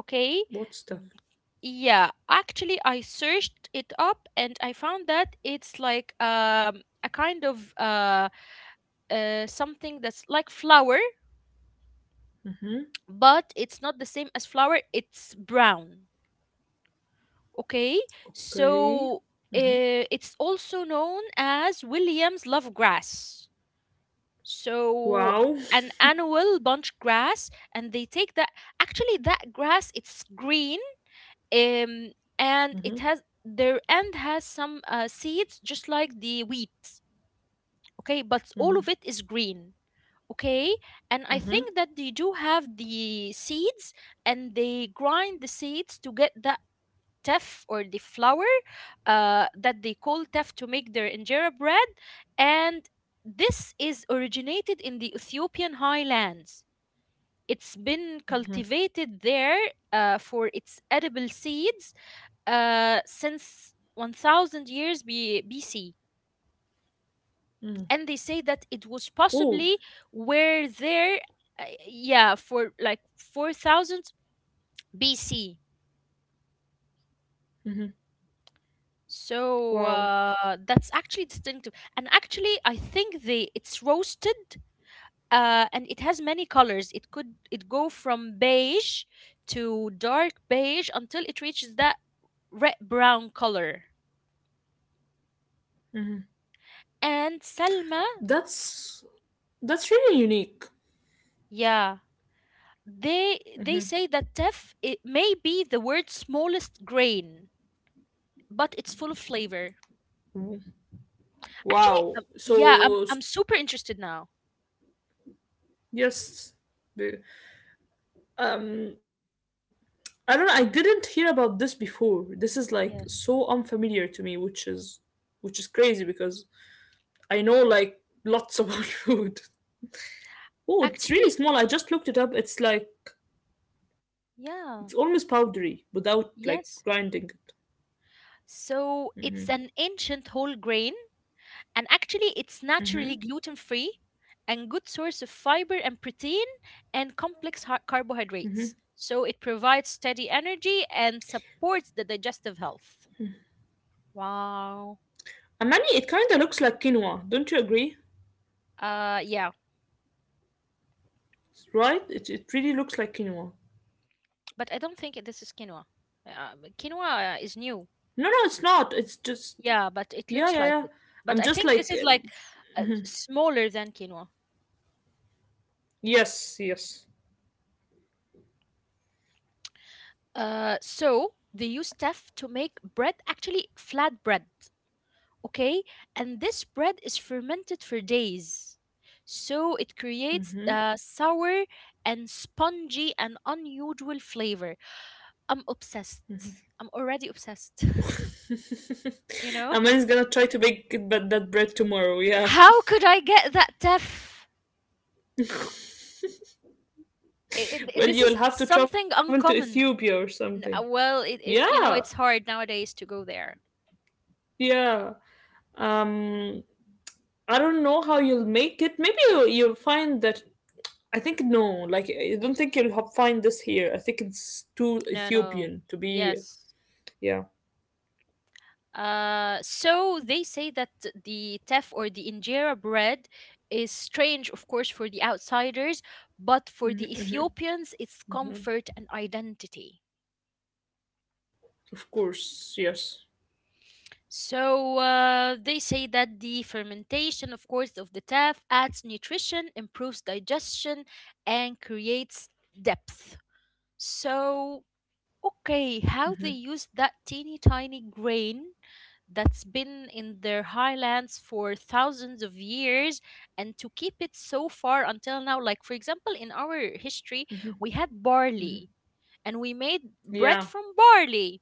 Speaker 1: okay?
Speaker 2: What stuff?
Speaker 1: Yeah, actually, I searched it up and I found that it's like a kind of something that's like flour, but it's not the same as flour, it's brown. Okay, so
Speaker 2: Okay.
Speaker 1: it's also known as Williams love grass. So an
Speaker 2: Wow.
Speaker 1: annual bunch grass, and they take that. Actually, that grass it's green, um, and it has their end has some seeds just like the wheat, okay, but all of it is green, okay, and I think
Speaker 2: Mm-hmm.
Speaker 1: that they do have the seeds and they grind the seeds to get that teff or the flour that they call teff to make their injera bread. And this is originated in the Ethiopian highlands, it's been cultivated there for its edible seeds since 1,000 years BC. And they say that it was
Speaker 2: Cool.
Speaker 1: possibly were there, yeah, for like 4,000 BC. So
Speaker 2: Wow.
Speaker 1: that's actually distinctive. And actually, I think they it's roasted and it has many colors. It could it go from beige to dark beige until it reaches that red brown color. And Selma,
Speaker 2: That's that's really unique.
Speaker 1: yeah, they say that teff it may be the world's smallest grain but it's full of flavor. Actually,
Speaker 2: Wow.
Speaker 1: yeah, I'm,
Speaker 2: So
Speaker 1: I'm super interested now.
Speaker 2: yes, the- um, I don't know. I didn't hear about this before. This is like
Speaker 1: Yes.
Speaker 2: so unfamiliar to me, which is crazy because I know like lots about food.
Speaker 1: Actually.
Speaker 2: Oh, it's really small. I just looked it up. It's like
Speaker 1: Yeah.
Speaker 2: it's almost powdery without like
Speaker 1: Yes.
Speaker 2: grinding it.
Speaker 1: So it's an ancient whole grain, and actually it's naturally gluten free and good source of fiber and protein and carbohydrates, so it provides steady energy and supports the digestive health. Wow.
Speaker 2: Amani, it kind of looks like quinoa. Don't you agree?
Speaker 1: Uh, yeah.
Speaker 2: Right? It really looks like quinoa.
Speaker 1: But I don't think this is quinoa. Quinoa is
Speaker 2: No, no,
Speaker 1: new.
Speaker 2: it's not. It's just yeah,
Speaker 1: Yeah,
Speaker 2: yeah,
Speaker 1: but
Speaker 2: yeah.
Speaker 1: it looks like
Speaker 2: I'm
Speaker 1: it.
Speaker 2: just like
Speaker 1: But I think this is like smaller than quinoa.
Speaker 2: yes, yes.
Speaker 1: So they use teff to make bread, actually flat bread. Okay, and this bread is fermented for days, so it
Speaker 2: Hmm?
Speaker 1: creates the sour and spongy and unusual flavor. I'm obsessed. I'm already obsessed. You know,
Speaker 2: Aman's gonna try to make it, but that bread tomorrow, yeah.
Speaker 1: how could I get that teff?
Speaker 2: Well,
Speaker 1: This is
Speaker 2: you'll have to travel
Speaker 1: something
Speaker 2: to Ethiopia
Speaker 1: uncommon.
Speaker 2: or something.
Speaker 1: Well, it's
Speaker 2: Yeah,
Speaker 1: you know it's hard nowadays to go there.
Speaker 2: yeah. Um, I don't know how you'll make it. Maybe you'll find that. I think no, like I don't think you'll find this here. I think it's too
Speaker 1: No, no,
Speaker 2: Ethiopian to be.
Speaker 1: yes.
Speaker 2: Yeah,
Speaker 1: So they say that the teff or the injera bread is strange, of course, for the outsiders, but for the Ethiopians, it's comfort and identity.
Speaker 2: of course. Yes.
Speaker 1: So they say that the fermentation, of course, of the teff adds nutrition, improves digestion, and creates depth. So okay
Speaker 2: Hmm.
Speaker 1: how they use that teeny tiny grain that's been in their highlands for thousands of years and to keep it so far until now. Like for example in our history we had barley and we made bread
Speaker 2: Yeah.
Speaker 1: from barley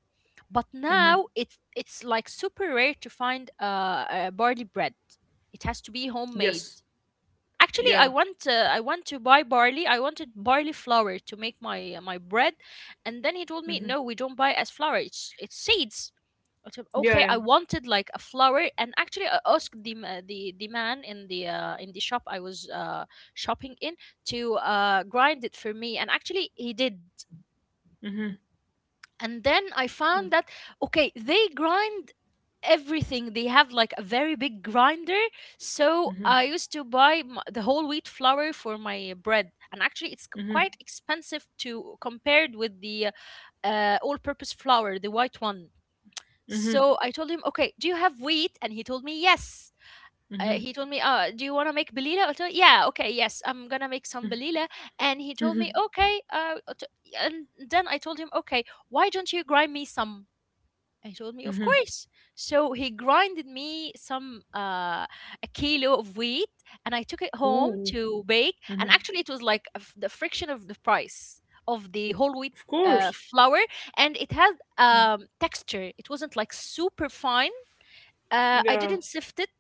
Speaker 1: but
Speaker 2: Hmm.
Speaker 1: now it's like super rare to find barley bread, it has to be homemade.
Speaker 2: Yes.
Speaker 1: Actually,
Speaker 2: Yeah.
Speaker 1: I want to buy barley. I wanted barley flour to make my my bread, and then he told me, "No, we don't buy as flour. It's seeds." I said, "Okay." I
Speaker 2: Yeah. Yeah.
Speaker 1: wanted like a flour, and actually, I asked the man in the shop I was shopping in to grind it for me, and actually, he did.
Speaker 2: Hmm.
Speaker 1: And then I found that okay, they grind everything, they have like a very big grinder. So I used to buy the whole wheat flour for my bread and actually it's quite
Speaker 2: Hmm.
Speaker 1: expensive to compared with the all purpose flour, the white one. So I
Speaker 2: Hmm.
Speaker 1: told him okay, do you have wheat, and he told me yes. Uh, he told me
Speaker 2: Hmm.
Speaker 1: do you want to make belila, I told yeah okay yes I'm gonna make some belila. And he told me okay t- and then I told him okay, why don't you grind me some. I told me, of course. So he grinded me some a kilo of wheat, and I took it home to
Speaker 2: Ooh.
Speaker 1: bake. And actually, it was
Speaker 2: Hmm.
Speaker 1: like the friction of the price of the whole wheat
Speaker 2: Of course.
Speaker 1: flour, and it had texture. It wasn't like super fine. I didn't
Speaker 2: Yeah.
Speaker 1: sift it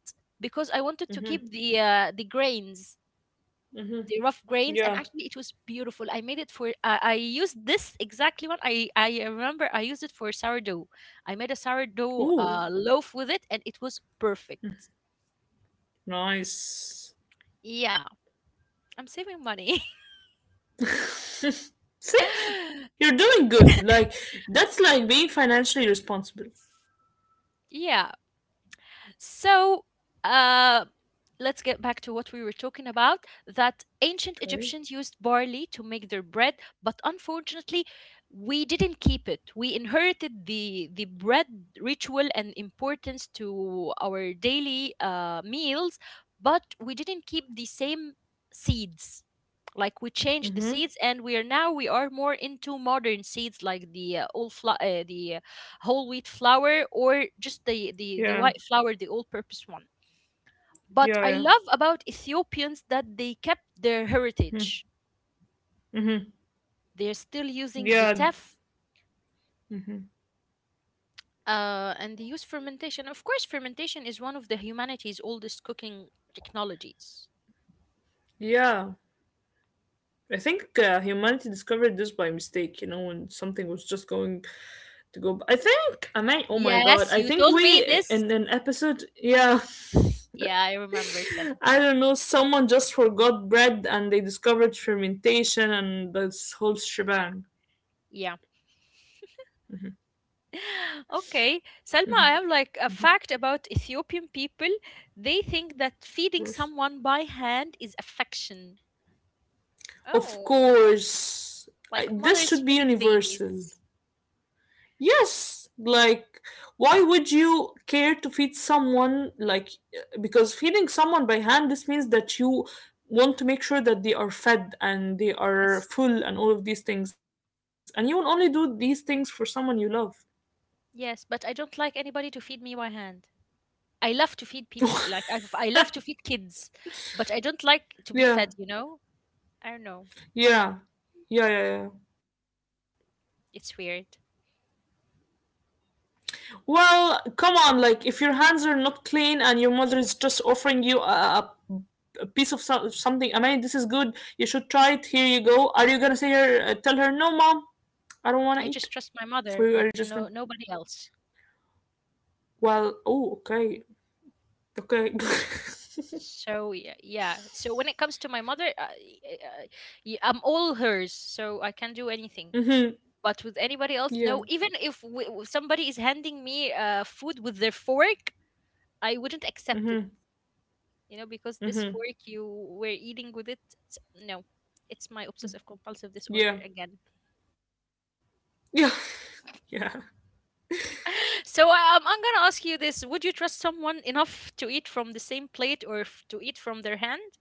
Speaker 1: because I wanted to keep the
Speaker 2: Hmm.
Speaker 1: uh, the grains the rough grains. And actually it
Speaker 2: Yeah.
Speaker 1: was beautiful. I made it for I used this exactly one. I remember I used it for sourdough. I made a sourdough
Speaker 2: Ooh,
Speaker 1: loaf with it and it was perfect.
Speaker 2: nice.
Speaker 1: Yeah, I'm saving money.
Speaker 2: See, you're doing good. Like that's like being financially responsible.
Speaker 1: Yeah. So, uh, let's get back to what we were talking about, that ancient Egyptians
Speaker 2: Okay.
Speaker 1: used barley to make their bread, but unfortunately, we didn't keep it. We inherited the bread ritual and importance to our daily meals, but we didn't keep the same seeds. Like we changed the
Speaker 2: Mm-hmm.
Speaker 1: seeds, and we are now we are more into modern seeds, like the whole wheat flour, or just the
Speaker 2: Yeah.
Speaker 1: white flour, the all purpose one. But
Speaker 2: Yeah.
Speaker 1: I
Speaker 2: Yeah.
Speaker 1: love about Ethiopians that they kept their heritage.
Speaker 2: Mm-hmm.
Speaker 1: They're still using the
Speaker 2: Yeah.
Speaker 1: teff, and they use fermentation. Of course, fermentation is one of the humanity's oldest cooking technologies.
Speaker 2: Yeah. I think humanity discovered this by mistake. You know, when something was just going to go. I think. I mean, oh my god,
Speaker 1: Yes,
Speaker 2: I
Speaker 1: you
Speaker 2: think
Speaker 1: told me
Speaker 2: we
Speaker 1: this.
Speaker 2: in an episode. Yeah.
Speaker 1: Yeah, I remember Salim.
Speaker 2: I don't know, someone just forgot bread and they discovered fermentation and this whole shebang.
Speaker 1: Yeah. Okay, Selma, I have like a fact about Ethiopian people. They think that
Speaker 2: Of
Speaker 1: feeding
Speaker 2: course.
Speaker 1: someone by hand is affection.
Speaker 2: Of
Speaker 1: Oh.
Speaker 2: course. I,
Speaker 1: Like
Speaker 2: this
Speaker 1: mothers
Speaker 2: should be
Speaker 1: feeding
Speaker 2: universal.
Speaker 1: babies.
Speaker 2: Yes, like, why would you care to feed someone? Like, because feeding someone by hand, this means that you want to make sure that they are fed and they are
Speaker 1: Yes.
Speaker 2: full and all of these things. And you will only do these things for someone you love.
Speaker 1: Yes, but I don't like anybody to feed me by hand. I love to feed people. Like I love to feed kids, but I don't like to be
Speaker 2: Yeah,
Speaker 1: fed. You know. I don't know.
Speaker 2: yeah, yeah, yeah, yeah.
Speaker 1: It's weird.
Speaker 2: Well, come on, like if your hands are not clean and your mother is just offering you a piece of something, I mean, this is good. You should try it. Here you go. Are you gonna say her, tell her, no, mom, I don't want
Speaker 1: I
Speaker 2: to eat,
Speaker 1: just trust my
Speaker 2: or
Speaker 1: mother,
Speaker 2: are
Speaker 1: but
Speaker 2: you just gonna?
Speaker 1: no, nobody else.
Speaker 2: Well, oh, okay, okay.
Speaker 1: So yeah, yeah. So when it comes to my mother, I'm all hers. So I can do anything.
Speaker 2: Mm-hmm.
Speaker 1: But with anybody else,
Speaker 2: Yeah.
Speaker 1: no. Even if somebody is handing me food with their fork, I wouldn't accept it.
Speaker 2: Mm-hmm.
Speaker 1: You know, because this
Speaker 2: Mm-hmm.
Speaker 1: fork you were eating with it, it's, no, it's my obsessive compulsive disorder
Speaker 2: Yeah.
Speaker 1: again.
Speaker 2: Yeah. Yeah.
Speaker 1: So I'm gonna ask you this: would you trust someone enough to eat from the same plate, or to eat from their hand?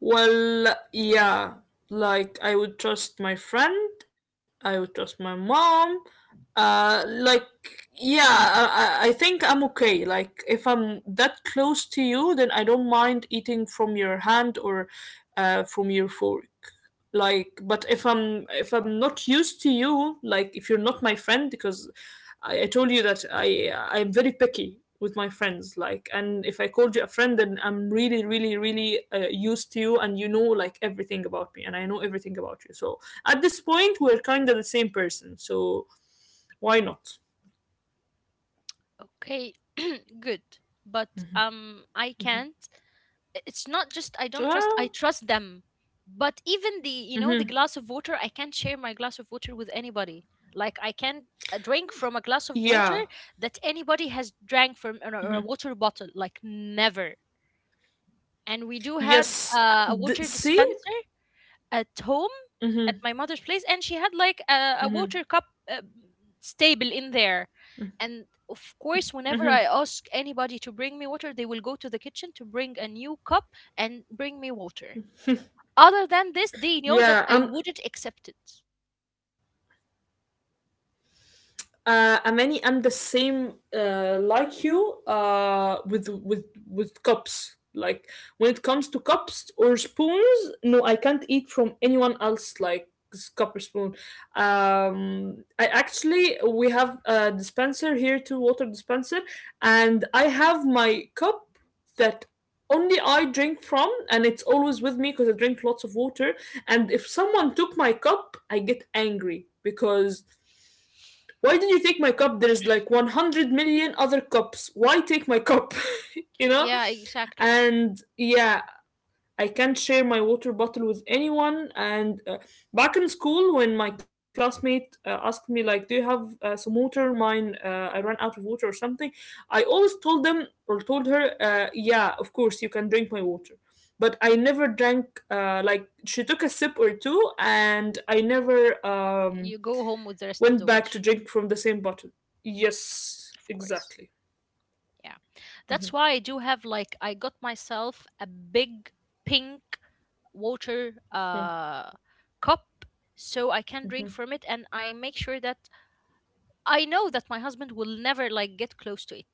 Speaker 2: Well, yeah, like I would trust my friend, I would trust my mom. Uh, like, yeah, I think I'm okay. Like, if I'm that close to you, then I don't mind eating from your hand or from your fork. Like, but if I'm not used to you, like if you're not my friend, because I told you that I'm very picky with my friends, like, and if I called you a friend, then I'm really really really used to you, and you know like everything about me, and I know everything about you, so at this point we're kind of the same person, so why not?
Speaker 1: Okay. Good, but I can't. It's not just I don't trust, I
Speaker 2: Well,
Speaker 1: trust them. But even the, you know, the
Speaker 2: hmm,
Speaker 1: glass of water, I can't share my glass of water with anybody. Like I can't drink from a
Speaker 2: yeah,
Speaker 1: glass of water that anybody has drank from, or a water bottle. Like never. And we do have
Speaker 2: yes.
Speaker 1: a water
Speaker 2: See.
Speaker 1: dispenser at home at
Speaker 2: Mm-hmm.
Speaker 1: my mother's place, and she had like
Speaker 2: Mm-hmm.
Speaker 1: a water cup uh, stable in there. And of course, whenever I ask anybody to bring me water, they will go to the kitchen to bring a new cup and bring me water. Other than this, they know that
Speaker 2: yeah
Speaker 1: I
Speaker 2: i'm
Speaker 1: wouldn't accept it.
Speaker 2: I'm any I'm the same like you with cups. Like when it comes to cups or spoons, no, I can't eat from anyone else. Like cup or spoon. I actually, we have a dispenser here, too, water dispenser, and I have my cup that only I drink from, and it's always with me because I drink lots of water. And if someone took my cup, I get angry because why did you take my cup? There's like 100 million other cups, why take my cup? You know,
Speaker 1: Yeah, exactly.
Speaker 2: and yeah, I can't share my water bottle with anyone, and back in school when my classmate asked me like, do you have some water, mine I ran out of water or something, I always told them or told her, yeah, of course you can drink my water, but I never drank, like she took a sip or two, and I never um
Speaker 1: You go home with the rest of
Speaker 2: went
Speaker 1: the
Speaker 2: back to
Speaker 1: water.
Speaker 2: drink from the same bottle. Yes,
Speaker 1: Of course.
Speaker 2: exactly.
Speaker 1: Yeah,
Speaker 2: Mm-hmm.
Speaker 1: that's why I do have, like, I got myself a big pink water cup so I can drink from it,
Speaker 2: Mm-hmm.
Speaker 1: and I make sure that I know that my husband will never like get close to it.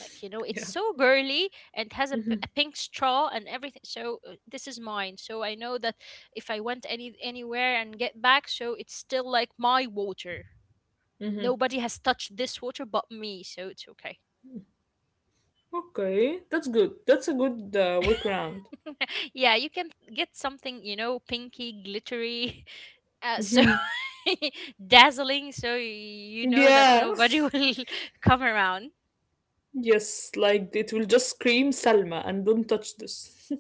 Speaker 1: Like you know, it's so
Speaker 2: Yeah.
Speaker 1: girly and has a pink
Speaker 2: Mm-hmm.
Speaker 1: straw and everything. So this is mine. So I know that if I went anywhere and get back, so it's still like my water.
Speaker 2: Mm-hmm.
Speaker 1: Nobody has touched this water but me, so it's okay.
Speaker 2: Okay, that's good. That's a good workaround.
Speaker 1: Yeah, you can get something, you know, pinky, glittery, so
Speaker 2: Mm-hmm.
Speaker 1: dazzling, so you know that
Speaker 2: Yeah.
Speaker 1: nobody will come around.
Speaker 2: Yes, like it will just scream Salma and don't touch this.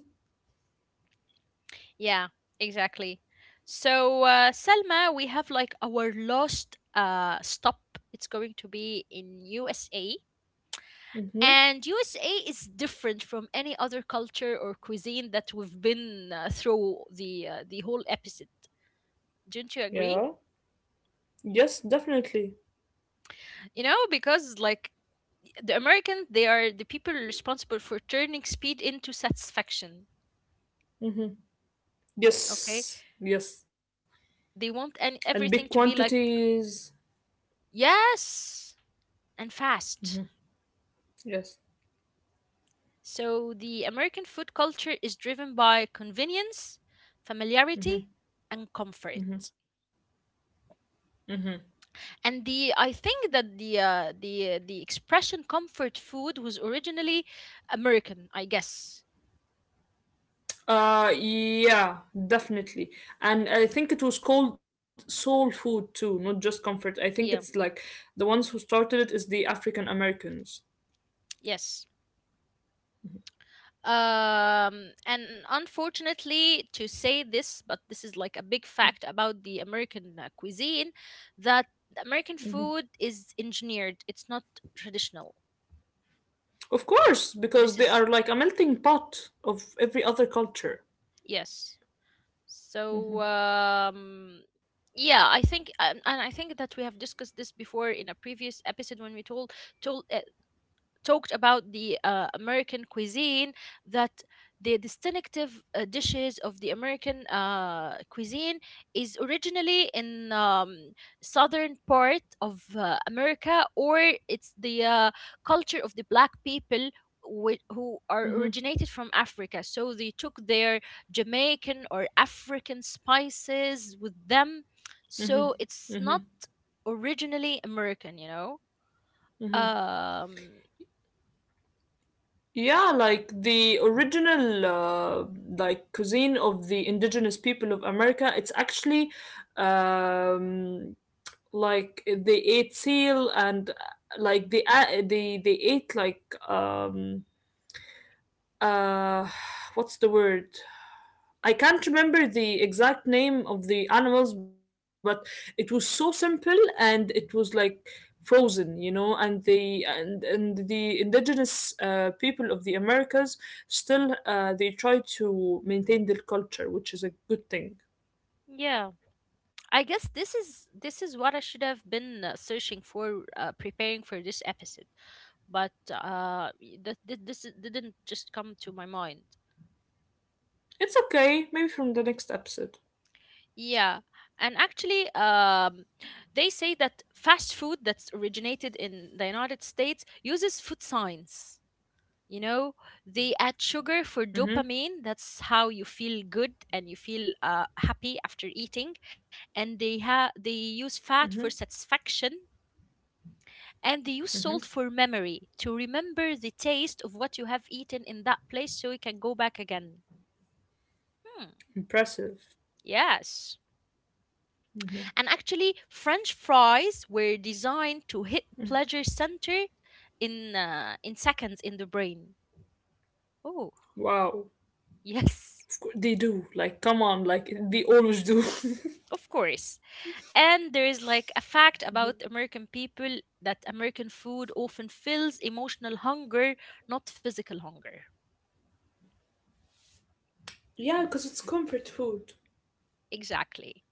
Speaker 1: Yeah, exactly. So, Selma, we have like our last stop. It's going to be in USA.
Speaker 2: Mm-hmm.
Speaker 1: And USA is different from any other culture or cuisine that we've been through the whole episode. Don't you agree?
Speaker 2: Yeah. Yes, definitely.
Speaker 1: You know, because like the Americans, they are the people responsible for turning speed into satisfaction.
Speaker 2: Mm-hmm.
Speaker 1: Okay,
Speaker 2: Yes. Yes.
Speaker 1: they want and
Speaker 2: And
Speaker 1: everything
Speaker 2: big
Speaker 1: to be like,
Speaker 2: quantities.
Speaker 1: yes, and fast.
Speaker 2: Yes.
Speaker 1: So the American food culture is driven by convenience, familiarity, and comfort. And the, I think that the expression comfort food was originally American, I guess.
Speaker 2: Yeah, definitely. And I think it was called soul food too, not just comfort. I think it's
Speaker 1: Yeah.
Speaker 2: like the ones who started it is the African Americans.
Speaker 1: Yes. Um, and unfortunately to say this, but this is like a big fact about the American cuisine, that the American
Speaker 2: Hmm.
Speaker 1: food is engineered, it's not traditional.
Speaker 2: Of course,
Speaker 1: This
Speaker 2: because they
Speaker 1: is,
Speaker 2: are like a melting pot of every other culture.
Speaker 1: yes. So um, yeah, I think and I think that we have discussed this before in a previous episode, when we told told uh, talked about the American cuisine, that the distinctive dishes of the American cuisine is originally in southern part of America, or it's the culture of the black people. Who are
Speaker 2: Hmm.
Speaker 1: originated from Africa, so they took their Jamaican or African spices with them.
Speaker 2: Hmm.
Speaker 1: So it's
Speaker 2: Hmm.
Speaker 1: not originally American, you know.
Speaker 2: Hmm.
Speaker 1: Um,
Speaker 2: Yeah, like the original like cuisine of the indigenous people of America, it's actually um like they ate seal and like they ate like uh what's the word? I can't remember the exact name of the animals, but it was so simple and it was like frozen, you know, and the indigenous people of the americas still they try to maintain their culture, which is a good thing.
Speaker 1: yeah. I guess this is what I should have been searching for, preparing for this episode. But that this didn't just come to my mind.
Speaker 2: It's okay, maybe from the next episode.
Speaker 1: Yeah, and actually, they say that fast food that's originated in the United States uses food science. You know, they add sugar for
Speaker 2: Mm-hmm,
Speaker 1: dopamine. That's how you feel good and you feel happy after eating. And they
Speaker 2: mm-hmm,
Speaker 1: use fat for satisfaction, and they
Speaker 2: mm-hmm.
Speaker 1: use salt for memory to remember the taste of what you have eaten in that place so you can go back again. Hmm,
Speaker 2: Impressive.
Speaker 1: yes. And actually, French fries were designed to hit pleasure center in seconds in the brain. Oh.
Speaker 2: Wow.
Speaker 1: Yes.
Speaker 2: Of course, they do. Like, come on. Like, they always do.
Speaker 1: Of course. And there is like a fact about American people, that American food often fills emotional hunger, not physical hunger.
Speaker 2: Yeah, because it's comfort food.
Speaker 1: Exactly.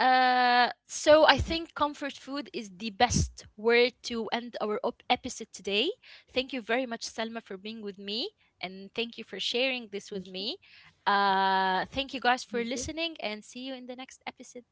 Speaker 1: So I think comfort food is the best word to end episode today. Thank you very much, Selma, for being with me, and thank you for sharing this with me. Thank you guys for
Speaker 2: Thank you.
Speaker 1: listening, and see you in the next episode.